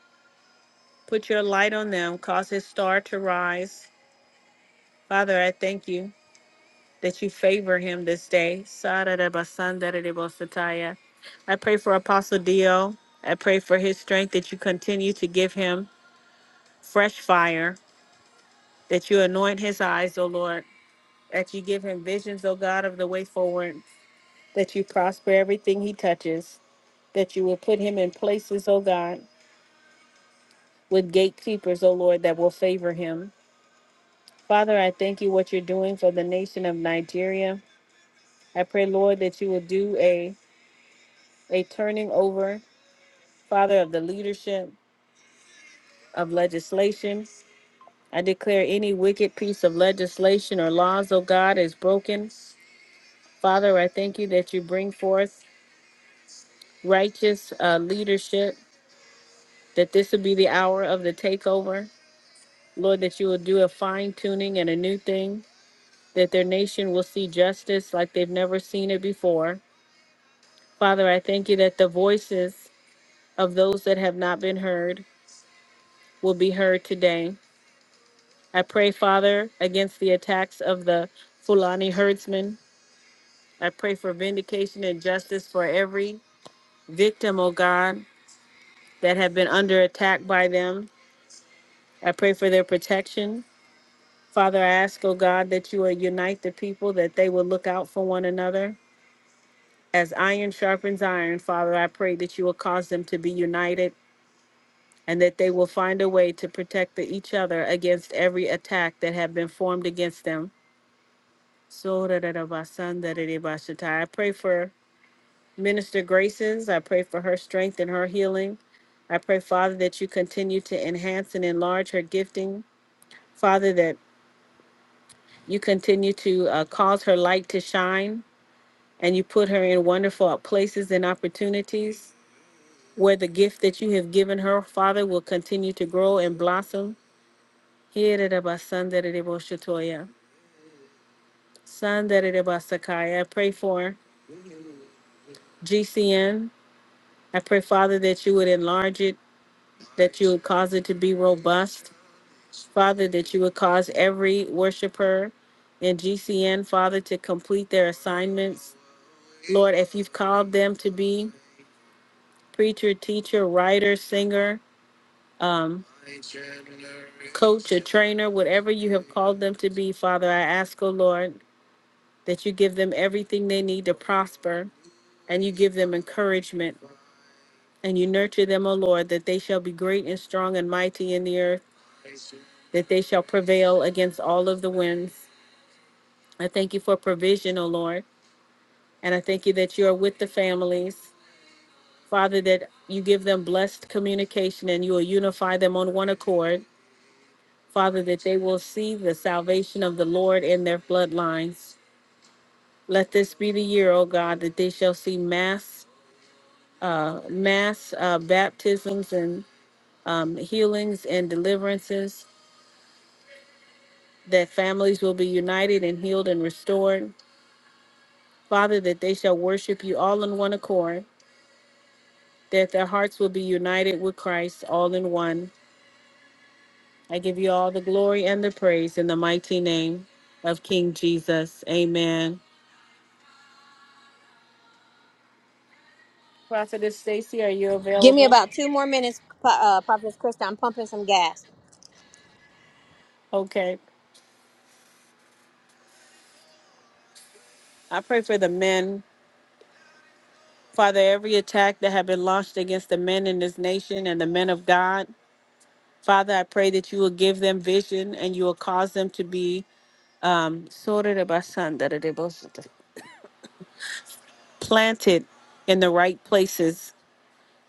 [SPEAKER 1] put your light on them, cause his star to rise. Father, I thank you that you favor him this day. Sarabasandararebosataya. I pray for Apostle Dio. I pray for his strength that you continue to give him fresh fire that you anoint his eyes, O Lord, that you give him visions, O God, of the way forward, that you prosper everything he touches, that you will put him in places, O God, with gatekeepers, O Lord, that will favor him. Father, I thank you what you're doing for the nation of Nigeria. I pray, Lord, that you will do a, a turning over, Father, of the leadership of legislation. I declare any wicked piece of legislation or laws, O God, is broken. Father, I thank you that you bring forth righteous uh, leadership, that this will be the hour of the takeover. Lord, that you will do a fine tuning and a new thing, that their nation will see justice like they've never seen it before. Father, I thank you that the voices of those that have not been heard will be heard today. I pray, Father, against the attacks of the Fulani herdsmen. I pray for vindication and justice for every victim, O God, that have been under attack by them. I pray for their protection. Father, I ask, oh God, that you will unite the people, that they will look out for one another. As iron sharpens iron, Father, I pray that you will cause them to be united and that they will find a way to protect the- each other against every attack that have been formed against them. So da da da ba san da da da ba sha ta. I pray for Minister Graces. I pray for her strength and her healing. I pray, Father, that you continue to enhance and enlarge her gifting. Father, that you continue to uh, cause her light to shine. and you put her in wonderful places and opportunities where the gift that you have given her, Father, will continue to grow and blossom. Hieredabasandadedeboshatoya, sandadedebasakaya. I pray for G C N. I pray, Father, that you would enlarge it, that you would cause it to be robust. Father, that you would cause every worshiper in GCN, Father, to complete their assignments. Lord, if you've called them to be preacher, teacher, writer, singer, um. coach, a trainer, whatever you have called them to be, Father, I ask, O Lord, that you give them everything they need to prosper and you give them encouragement and you nurture them, O Lord, that they shall be great and strong and mighty in the earth, that they shall prevail against all of the winds. I thank you for provision, O Lord, and I thank you that you are with the families. Father, that you give them blessed communication and you will unify them on one accord. Father, that they will see the salvation of the Lord in their bloodlines. Let this be the year, O God, that they shall see mass uh, mass uh, baptisms and um, healings and deliverances, that families will be united and healed and restored. Father, that they shall worship you all in one accord, that their hearts will be united with Christ all in one. I give you all the glory and the praise in the mighty name of King Jesus. Amen. Prophetess Stacy, are you
[SPEAKER 3] Give me
[SPEAKER 1] available?
[SPEAKER 3] about two more minutes, Pro- uh, Prophetess Krista. I'm pumping some gas.
[SPEAKER 1] Okay. I pray for the men Father, every attack that have been launched against the men in this nation and the men of God, Father, I pray that you will give them vision and you will cause them to be planted in the right places,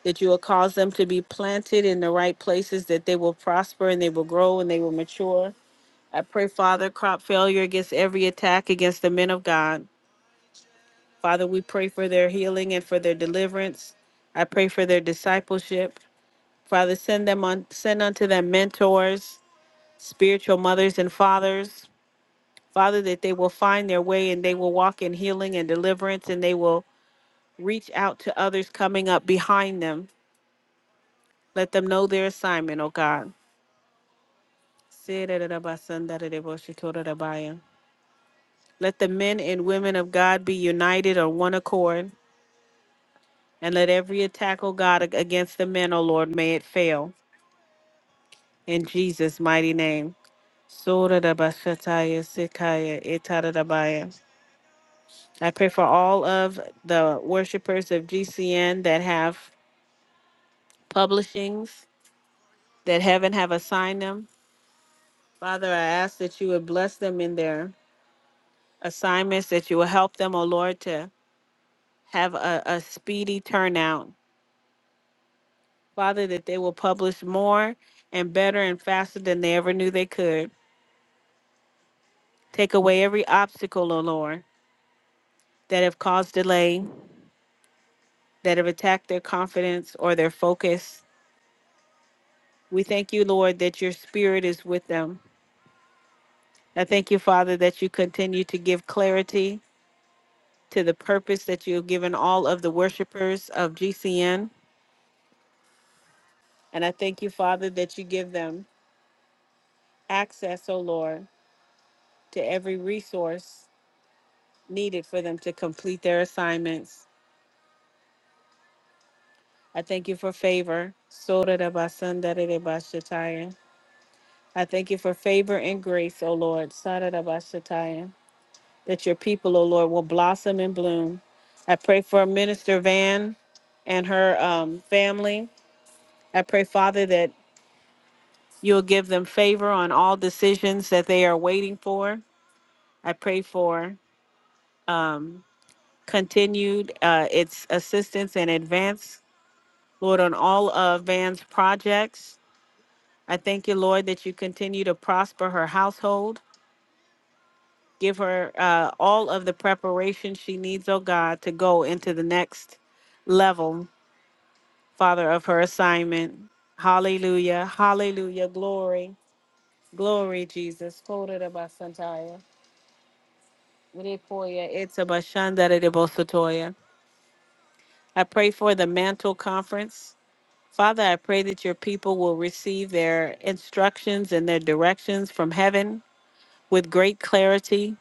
[SPEAKER 1] that you will cause them to be planted in the right places, that they will prosper and they will grow and they will mature. I pray, Father, crop failure against every attack against the men of God. Father, we pray for their healing and for their deliverance. I pray for their discipleship. Father, send them on, send unto them mentors, spiritual mothers and fathers, Father, that they will find their way and they will walk in healing and deliverance and they will reach out to others coming up behind them. Let them know their assignment, oh God. Let the men and women of God be united on one accord, and let every attack, O God, against the men, O Lord, may it fail. In Jesus' mighty name. Sura da Bashataya Sikaya Itadabaya. I pray for all of the worshipers of GCN that have publishings that heaven have assigned them. Father, I ask that you would bless them in their assignments, that you will help them, O Lord, to have a, a speedy turnout. Father, that they will publish more and better and faster than they ever knew they could. Take away every obstacle, O Lord, that have caused delay, that have attacked their confidence or their focus. We thank you, Lord, that your spirit is with them. I thank you, Father, that you continue to give clarity to the purpose that you have given all of the worshipers of GCN. And I thank you, Father, that you give them access, O Lord, to every resource needed for them to complete their assignments. I thank you for favor. Sorarabasandararebashataya. I thank you for favor and grace, O Lord. Sararabashataya. that your people, O Lord, will blossom and bloom. I pray for Minister Van and her um, family. I pray, Father, that you'll give them favor on all decisions that they are waiting for. I pray for um, continued uh, its assistance and advance, Lord, on all of Van's projects. I thank you, Lord, that you continue to prosper her household. Give her uh, all of the preparation she needs, oh God, to go into the next level Father, of her assignment. Hallelujah. Hallelujah. Glory. Glory, Jesus. Kodarabasantaya. Widekoya itabashandaredibosotoya. I pray for the mantle conference. Father, I pray that your people will receive their instructions and their directions from heaven with great clarity.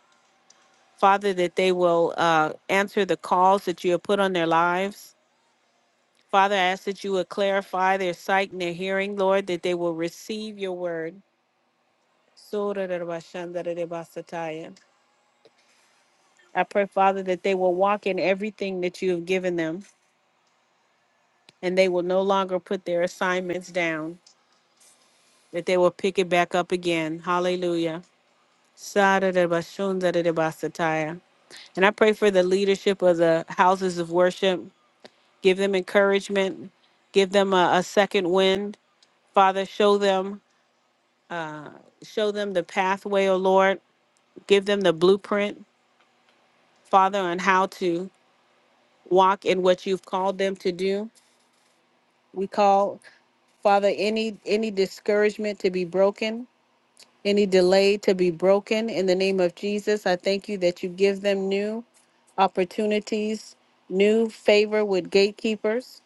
[SPEAKER 1] Father, that they will uh, answer the calls that you have put on their lives. Father, I ask that you would clarify their sight and their hearing, Lord, that they will receive your word I pray, Father, that they will walk in everything that you have given them and they will no longer put their assignments down, that they will pick it back up again. Hallelujah. And I pray for the leadership of the houses of worship. Give them encouragement, give them a, a second wind. Father, show them show them the pathway, O Lord. Give them the blueprint, Father, on how to walk in what you've called them to do. We call, Father, any any discouragement to be broken, any delay to be broken in the name of Jesus. I thank you that you give them new opportunities, new favor with gatekeepers.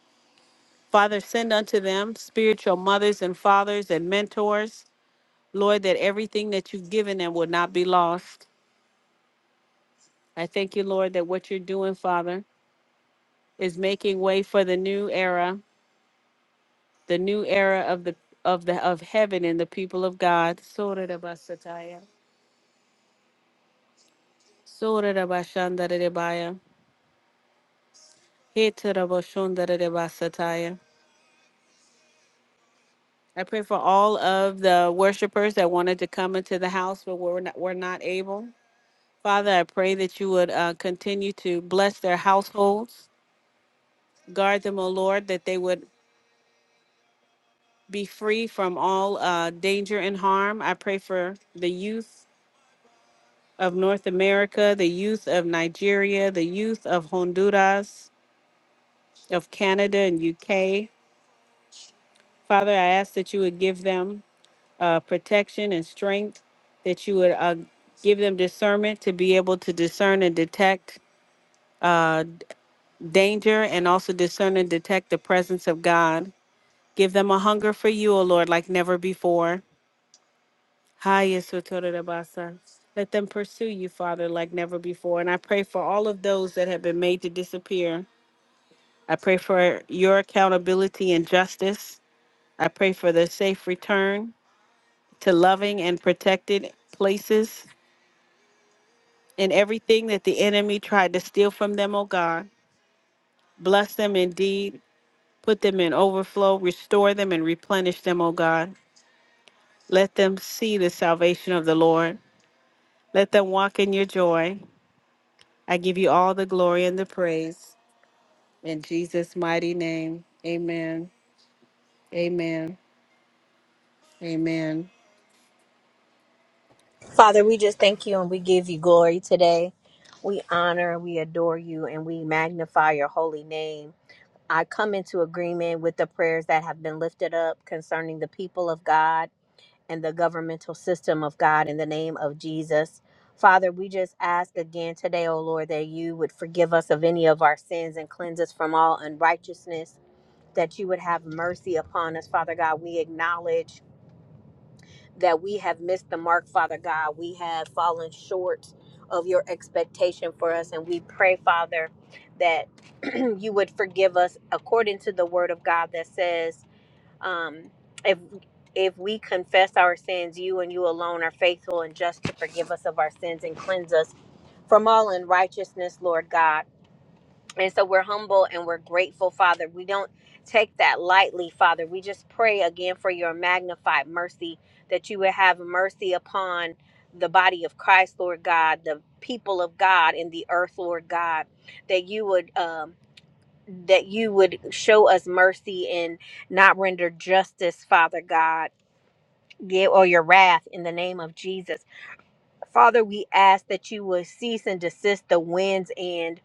[SPEAKER 1] Father, send unto them spiritual mothers and fathers and mentors. Lord, that everything that you've given them will not be lost. I thank you, Lord, that what you're doing, Father, is making way for the new era the new era of the of the of heaven and the people of God. Sora da basataya. Sora da bashanda da debaya. Heta da bashonda da debasataya. I pray for all of the worshipers that wanted to come into the house but were not, were not able. Father, I pray that you would uh, continue to bless their households, guard them, O Lord, that they would be free from all uh, danger and harm. I pray for the youth of North America, the youth of Nigeria, the youth of Honduras, of Canada and UK. Father, I ask that you would give them uh, protection and strength, that you would uh, give them discernment to be able to discern and detect uh, d- danger and also discern and detect the presence of God. Give them a hunger for you, O Lord, like never before. Hi, Yesu Tore Rabasa. Let them pursue you, Father, like never before. And I pray for all of those that have been made to disappear I pray for your accountability and justice. I pray for the safe return to loving and protected places and everything that the enemy tried to steal from them, oh God. Bless them indeed. Put them in overflow. Restore them and replenish them, oh God. Let them see the salvation of the Lord. Let them walk in your joy. I give you all the glory and the praise. In Jesus' mighty name, amen. Amen. Amen.
[SPEAKER 3] Father, we just thank you and we give you glory today. We honor, we adore you, and we magnify your holy name. I come into agreement with the prayers that have been lifted up concerning the people of God and the governmental system of God in the name of Jesus. Father, we just ask again today, O Lord, that you would forgive us of any of our sins and cleanse us from all unrighteousness, that you would have mercy upon us, Father God. We acknowledge that we have missed the mark, Father God. We have fallen short of your expectation for us, and we pray, Father, that you would forgive us according to the word of God that says, um, if if we confess our sins, you and you alone are faithful and just to forgive us of our sins and cleanse us from all unrighteousness, Lord God. And so we're humble and we're grateful, Father. We don't take that lightly, Father. We just pray again for your magnified mercy that you would have mercy upon the body of Christ, Lord God, the people of God in the earth, Lord God, that you would. Um, that you would show us mercy and not render justice, Father God, give or your wrath in the name of Jesus. Father, we ask that you would cease and desist the winds and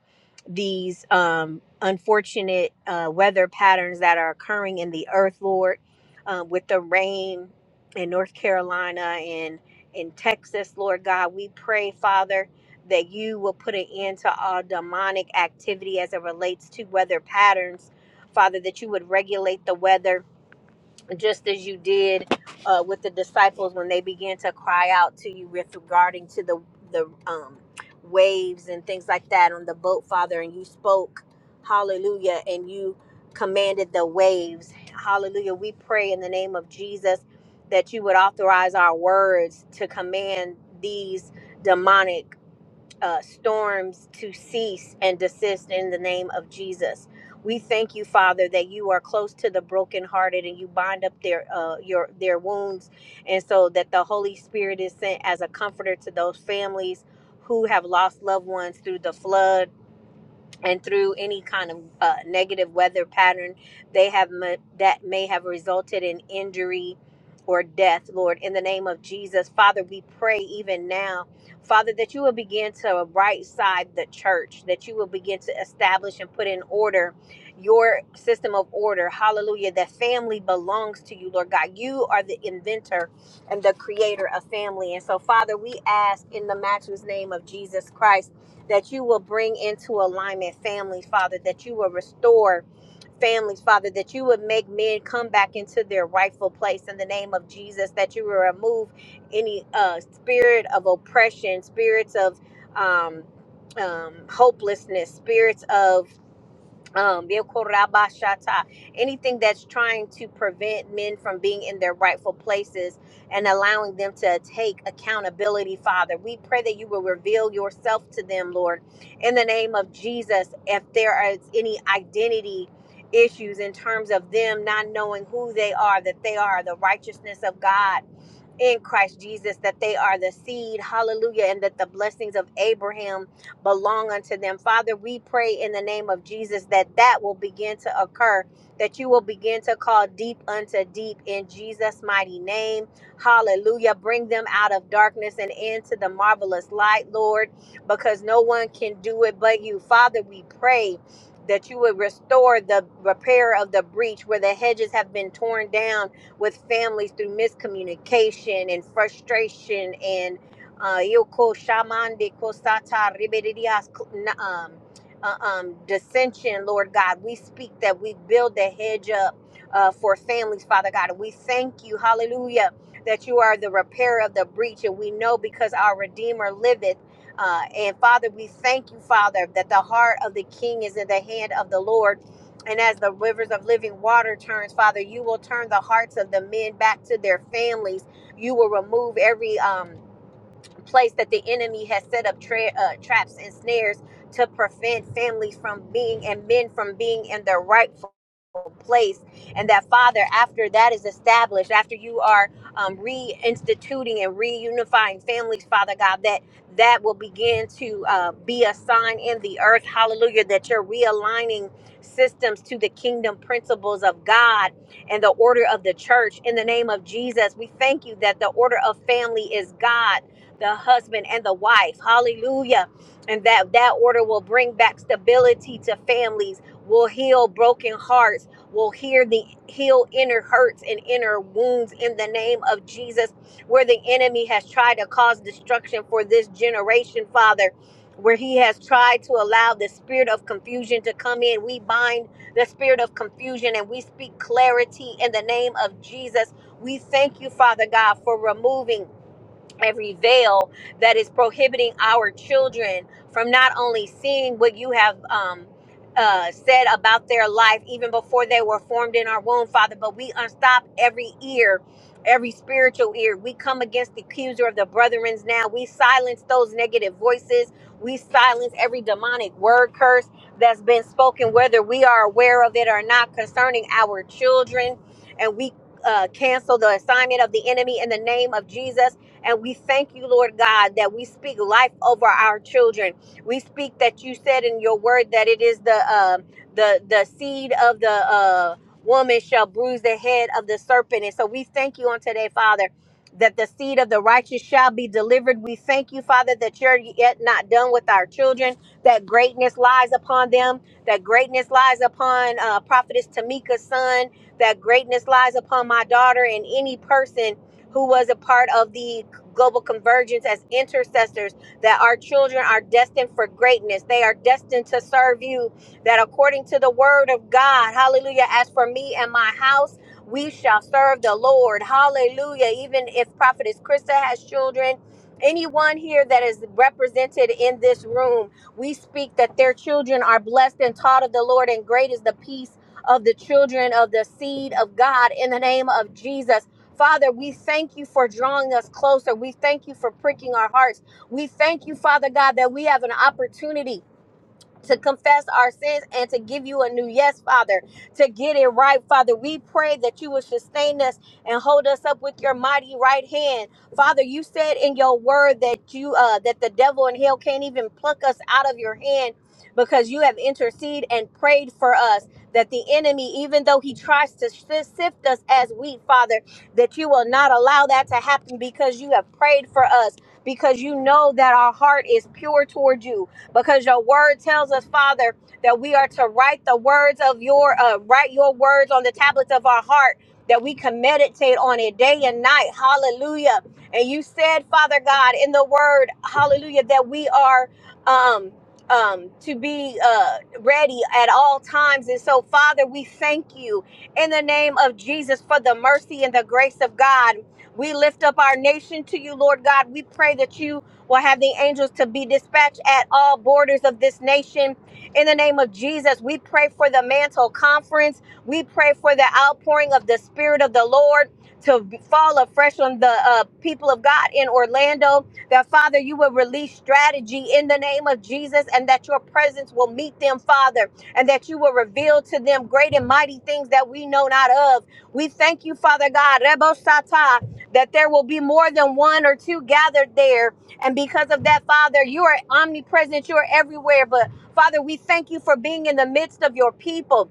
[SPEAKER 3] these um, unfortunate uh, weather patterns that are occurring in the earth, Lord, um, with the rain in North Carolina and in Texas, Lord God. We pray, Father, that you will put an end to all demonic activity as it relates to weather patterns. Father, that you would regulate the weather just as you did uh, with the disciples when they began to cry out to you with regarding to the the um, waves and things like that on the boat, Father, and you spoke, Hallelujah, and you commanded the waves, Hallelujah. We pray in the name of Jesus that you would authorize our words to command these demonic uh, storms to cease and desist in the name of Jesus. We thank you, Father, that you are close to the brokenhearted and you bind up their uh, your their wounds, and so that the Holy Spirit is sent as a comforter to those families who have lost loved ones through the flood and through any kind of uh, negative weather pattern they have ma- that may have resulted in injury or death lord in the name of jesus father we pray even now father that you will begin to right side the church that you will begin to establish and put in order your system of order hallelujah that family belongs to you lord god you are the inventor and the creator of family and so father we ask in the matchless name of jesus christ that you will bring into alignment families, Father, that you will restore families, Father, that you would make men come back into their rightful place in the name of Jesus, that you will remove any uh, spirit of oppression, spirits of um, um, hopelessness, spirits of um, Yekorabashata, anything that's trying to prevent men from being in their rightful places and allowing them to take accountability, Father. We pray that you will reveal yourself to them, Lord, in the name of Jesus. If there is any identity issues in terms of them not knowing who they are, that they are the righteousness of God in Christ Jesus that they are the seed, hallelujah, and that the blessings of Abraham belong unto them. Father, we pray in the name of Jesus that that will begin to occur, that you will begin to call deep unto deep in Jesus' mighty name. Hallelujah. Bring them out of darkness and into the marvelous light, Lord, because no one can do it but you. Father, we pray. That you would restore the repair of the breach where the hedges have been torn down with families through miscommunication and frustration and uh, um, uh, um, dissension, Lord God. We speak that we build the hedge up uh, for families, Father God. And we thank you, hallelujah, that you are the repairer of the breach. And we know because our Redeemer liveth. Uh, and Father, we thank you, Father, that the heart of the king is in the hand of the Lord and as the rivers of living water turns, Father, you will turn the hearts of the men back to their families. You will remove every um place that the enemy has set up tra- uh, traps and snares to prevent families from being and men from being in their rightful place and that father after that is established after you are um, reinstituting and reunifying families father god that that will begin to uh, be a sign in the earth hallelujah that you're realigning systems to the kingdom principles of god and the order of the church in the name of jesus we thank you that the order of family is god the husband and the wife. Hallelujah. And that that order will bring back stability to families, will heal broken hearts, will hear the heal inner hurts and inner wounds in the name of Jesus where the enemy has tried to cause destruction for this generation, Father. Where he has tried to allow the spirit of confusion to come in, we bind the spirit of confusion and we speak clarity in the name of Jesus. We thank you, Father God, for removing every veil that is prohibiting our children from not only seeing what you have um, uh, said about their life even before they were formed in our womb, Father, but we unstop every ear. Every spiritual ear, we come against the accuser of the brethrens now. We silence those negative voices. We silence every demonic word curse that's been spoken, whether we are aware of it or not, concerning our children. And we uh, cancel the assignment of the enemy in the name of Jesus and we thank you, Lord God, that we speak life over our children. We speak that you said in your word that it is the uh, the the seed of the uh, woman shall bruise the head of the serpent. And so we thank you on today, Father. That the seed of the righteous shall be delivered. We thank you, Father, that you're yet not done with our children, that greatness lies upon them, that greatness lies upon uh, Prophetess Tamika's son, that greatness lies upon my daughter and any person who was a part of the global convergence as intercessors, that our children are destined for greatness. They are destined to serve you, that according to the word of God, hallelujah, as for me and my house, we shall serve the Lord. Hallelujah. Even if Prophetess Krista has children, anyone here that is represented in this room, we speak that their children are blessed and taught of the Lord, and great is the peace of the children of the seed of God in the name of Jesus. Father, we thank you for drawing us closer. We thank you for pricking our hearts. We thank you, Father God, that we have an opportunity to confess our sins and to give you a new yes, Father, to get it right, Father. We pray that you will sustain us and hold us up with your mighty right hand. Father, you said in your word that you uh that the devil and hell can't even pluck us out of your hand because you have interceded and prayed for us that the enemy even though he tries to shi- sift us as wheat father that you will not allow that to happen because you have prayed for us because you know that our heart is pure toward you because your word tells us, Father, that we are to write the words of your, uh, write your words on the tablets of our heart, that we can meditate on it day and night. Hallelujah. And you said, Father God, in the word, hallelujah, that we are, um, um, to be uh, ready at all times. And so, Father, we thank you in the name of Jesus for the mercy and the grace of God. We lift up our nation to you, Lord God. We pray that you will have the angels to be dispatched at all borders of this nation. In the name of Jesus, we pray for the mantle conference. We pray for the outpouring of the Spirit of the Lord to be- fall afresh on the uh, people of God in Orlando. That, Father, you will release strategy in the name of Jesus and that your presence will meet them, Father, and that you will reveal to them great and mighty things that we know not of. We thank you, Father God, Rebo Sata, that there will be more than one or two gathered there and because of that, Father, you are omnipresent, you are everywhere. But Father, we thank you for being in the midst of your people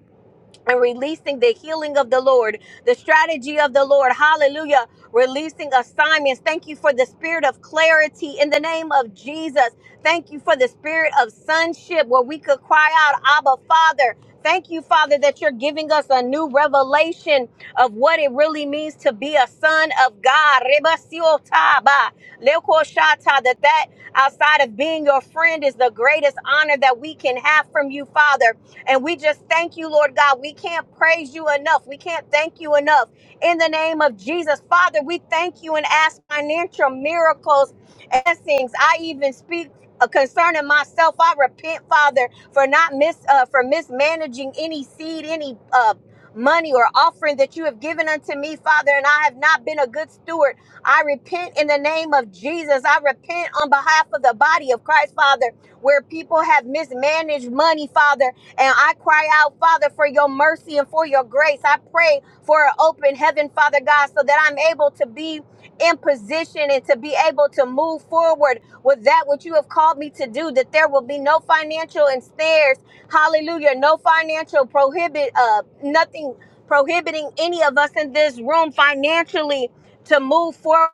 [SPEAKER 3] and releasing the healing of the Lord, the strategy of the Lord. Hallelujah. Releasing assignments. Thank you for the spirit of clarity in the name of Jesus. Thank you for the spirit of sonship where we could cry out, Abba, Father. Thank you, Father, that you're giving us a new revelation of what it really means to be a son of God. Reba siotaba, leko shata, That that outside of being your friend is the greatest honor that we can have from you, Father. And we just thank you, Lord God. We can't praise you enough. We can't thank you enough. In the name of Jesus, Father, we thank you and ask financial miracles and things. I even speak. uh, Concerning myself, I repent, Father, for not mis uh, for mismanaging any seed, any uh, money or offering that you have given unto me, Father, and I have not been a good steward. I repent in the name of Jesus. I repent on behalf of the body of Christ, Father, where people have mismanaged money, Father. And I cry out, Father, for your mercy and for your grace. I pray for an open heaven, Father God, so that I'm able to be in position and to be able to move forward with that which you have called me to do, that there will be no financial and snares. Hallelujah. No financial prohibit, uh, nothing prohibiting any of us in this room financially to move forward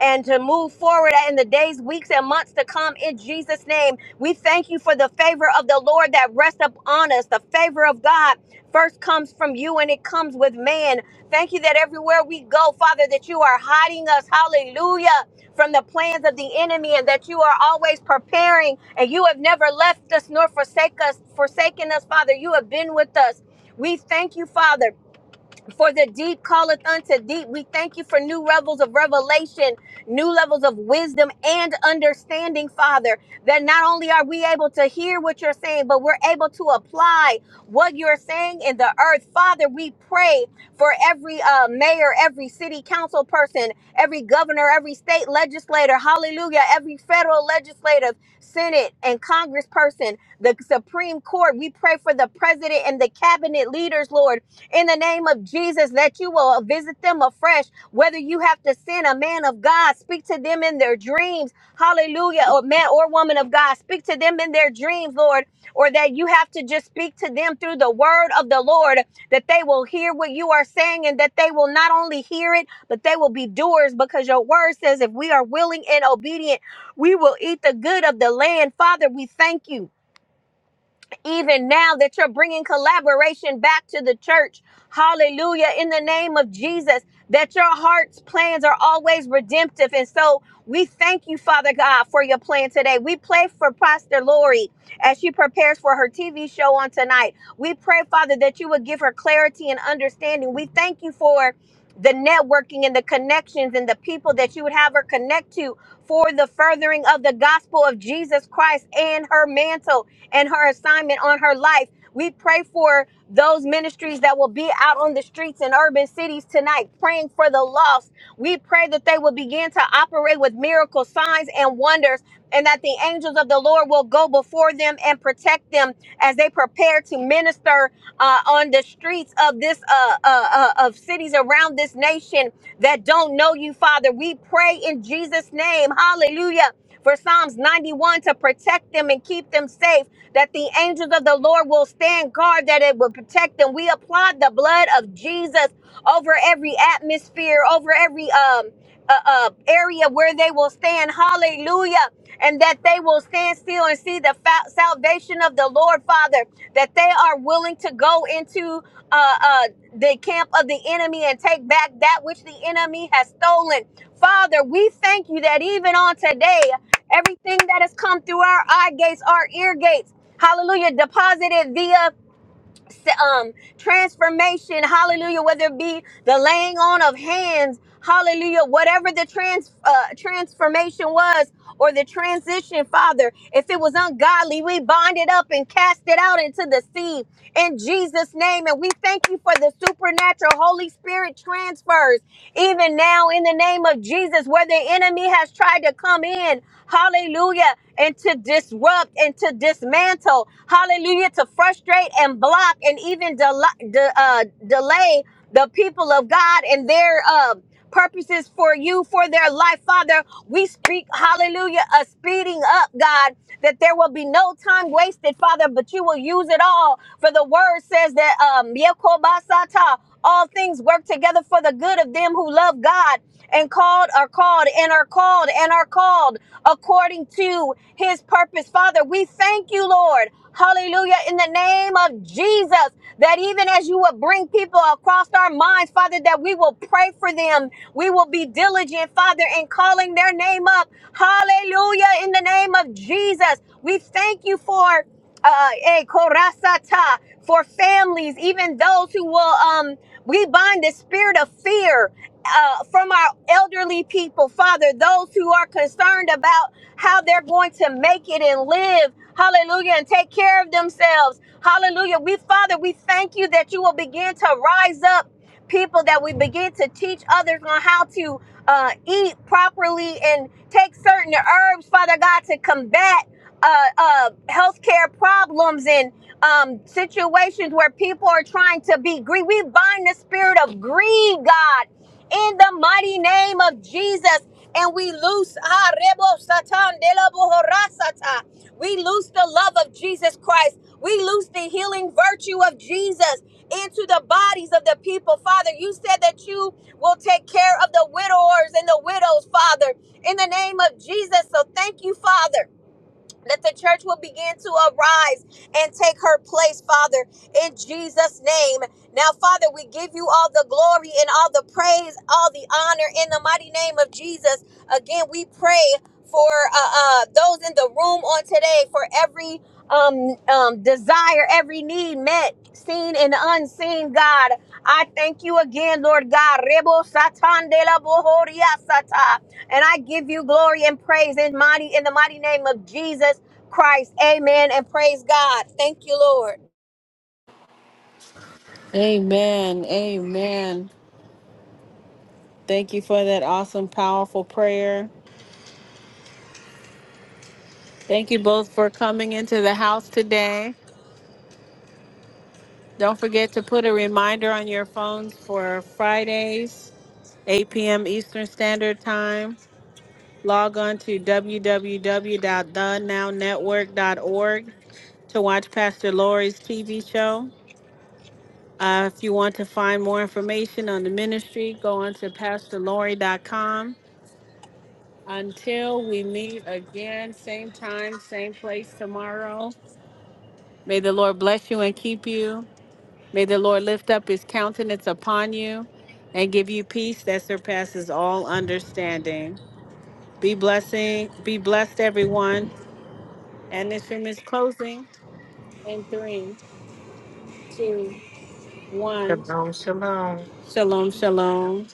[SPEAKER 3] and to move forward in the days, weeks, and months to come in Jesus' name. We thank you for the favor of the Lord that rests upon us. The favor of God first comes from you and it comes with man. Thank you that everywhere we go, Father, that you are hiding us, hallelujah, from the plans of the enemy and that you are always preparing and you have never left us nor forsake us, forsaken us, Father. You have been with us. We thank you, Father. For the deep calleth unto deep. We thank you for new levels of revelation, new levels of wisdom and understanding, Father. That not only are we able to hear what you're saying, but we're able to apply what you're saying in the earth. Father, we pray for every uh, mayor, every city council person, every governor, every state legislator, hallelujah, every federal legislative, Senate, and Congress person, the Supreme Court. We pray for the president and the cabinet leaders, Lord in the name of Jesus that you will visit them afresh. Whether you have to send a man of God, speak to them in their dreams. Hallelujah. Or man or woman of God, speak to them in their dreams, Lord. Or that you have to just speak to them through the word of the Lord, that they will hear what you are saying and that they will not only hear it, but they will be doers because your word says if we are willing and obedient, we will eat the good of the land. Father, we thank you even now that you're bringing collaboration back to the church. Hallelujah. In the name of Jesus, that your heart's plans are always redemptive. And so we thank you, Father God, for your plan today. We pray for Pastor Lori as she prepares for her TV show on tonight. We pray, Father, that you would give her clarity and understanding. We thank you for the networking and the connections and the people that you would have her connect to for the furthering of the gospel of Jesus Christ and her mantle and her assignment on her life. We pray for those ministries that will be out on the streets in urban cities tonight, praying for the lost. We pray that they will begin to operate with miracle signs and wonders, and that the angels of the Lord will go before them and protect them as they prepare to minister uh, on the streets of this uh, uh, uh, of cities around this nation that don't know you, Father. We pray in Jesus' name, Hallelujah for Psalms 91 to protect them and keep them safe, that the angels of the Lord will stand guard, that it will protect them. We applaud the blood of Jesus over every atmosphere, over every um uh, uh, area where they will stand. Hallelujah. And that they will stand still and see the salvation of the Lord, Father, that they are willing to go into uh, uh, the camp of the enemy and take back that which the enemy has stolen. Father, we thank you that even on today, everything that has come through our eye gates, our ear gates, hallelujah, deposited via um transformation hallelujah whether it be the laying on of hands hallelujah whatever the trans uh, transformation was or the transition father if it was ungodly we bind it up and cast it out into the sea in jesus name and we thank you for the supernatural holy spirit transfers even now in the name of jesus where the enemy has tried to come in hallelujah and to disrupt and to dismantle, hallelujah, to frustrate and block and even del- de- uh, delay the people of God and their uh, purposes for you, for their life. Father, we speak, hallelujah, a speeding up, God, that there will be no time wasted, Father, but you will use it all. For the word says that, um, all things work together for the good of them who love God and called are called and are called and are called according to his purpose. Father, we thank you, Lord. Hallelujah. In the name of Jesus, that even as you will bring people across our minds, Father, that we will pray for them. We will be diligent, Father, in calling their name up. Hallelujah. In the name of Jesus, we thank you for uh, eh, korasata for families, even those who will, um, we bind the spirit of fear uh, from our elderly people, Father, those who are concerned about how they're going to make it and live, hallelujah, and take care of themselves, hallelujah. We, Father, we thank you that you will begin to rise up people that we begin to teach others on how to uh, eat properly and take certain herbs, Father God, to combat uh, uh, healthcare problems and um, situations where people are trying to be greedy. We bind the spirit of greed, God, in the mighty name of Jesus. And we loose, ah, rebo satan de la bohora sata. we loose the love of Jesus Christ. We loose the healing virtue of Jesus into the bodies of the people. Father, you said that you will take care of the widowers and the widows, Father, in the name of Jesus. So thank you, Father that the church will begin to arise and take her place, Father, in Jesus' name. Now, Father, we give you all the glory and all the praise, all the honor in the mighty name of Jesus. Again, we pray for uh, uh, those in the room on today, for every um, um, desire, every need met, seen and unseen, God. I thank you again, Lord God. Rebo satan de la bohoria sata. And I give you glory and praise in mighty in the mighty name of Jesus Christ. Amen. And praise God. Thank you, Lord.
[SPEAKER 1] Amen. Amen. Thank you for that awesome, powerful prayer. Thank you both for coming into the house today. Don't forget to put a reminder on your phones for Fridays, 8 p.m. Eastern Standard Time. Log on to www.thenownetwork.org to watch Pastor Lori's TV show. Uh, if you want to find more information on the ministry, go on to pastorlori.com. Until we meet again, same time, same place tomorrow. May the Lord bless you and keep you. May the Lord lift up his countenance upon you and give you peace that surpasses all understanding. Be blessing, be blessed, everyone. And this room is closing in three, two, one.
[SPEAKER 2] Shalom, shalom.
[SPEAKER 1] Shalom, shalom.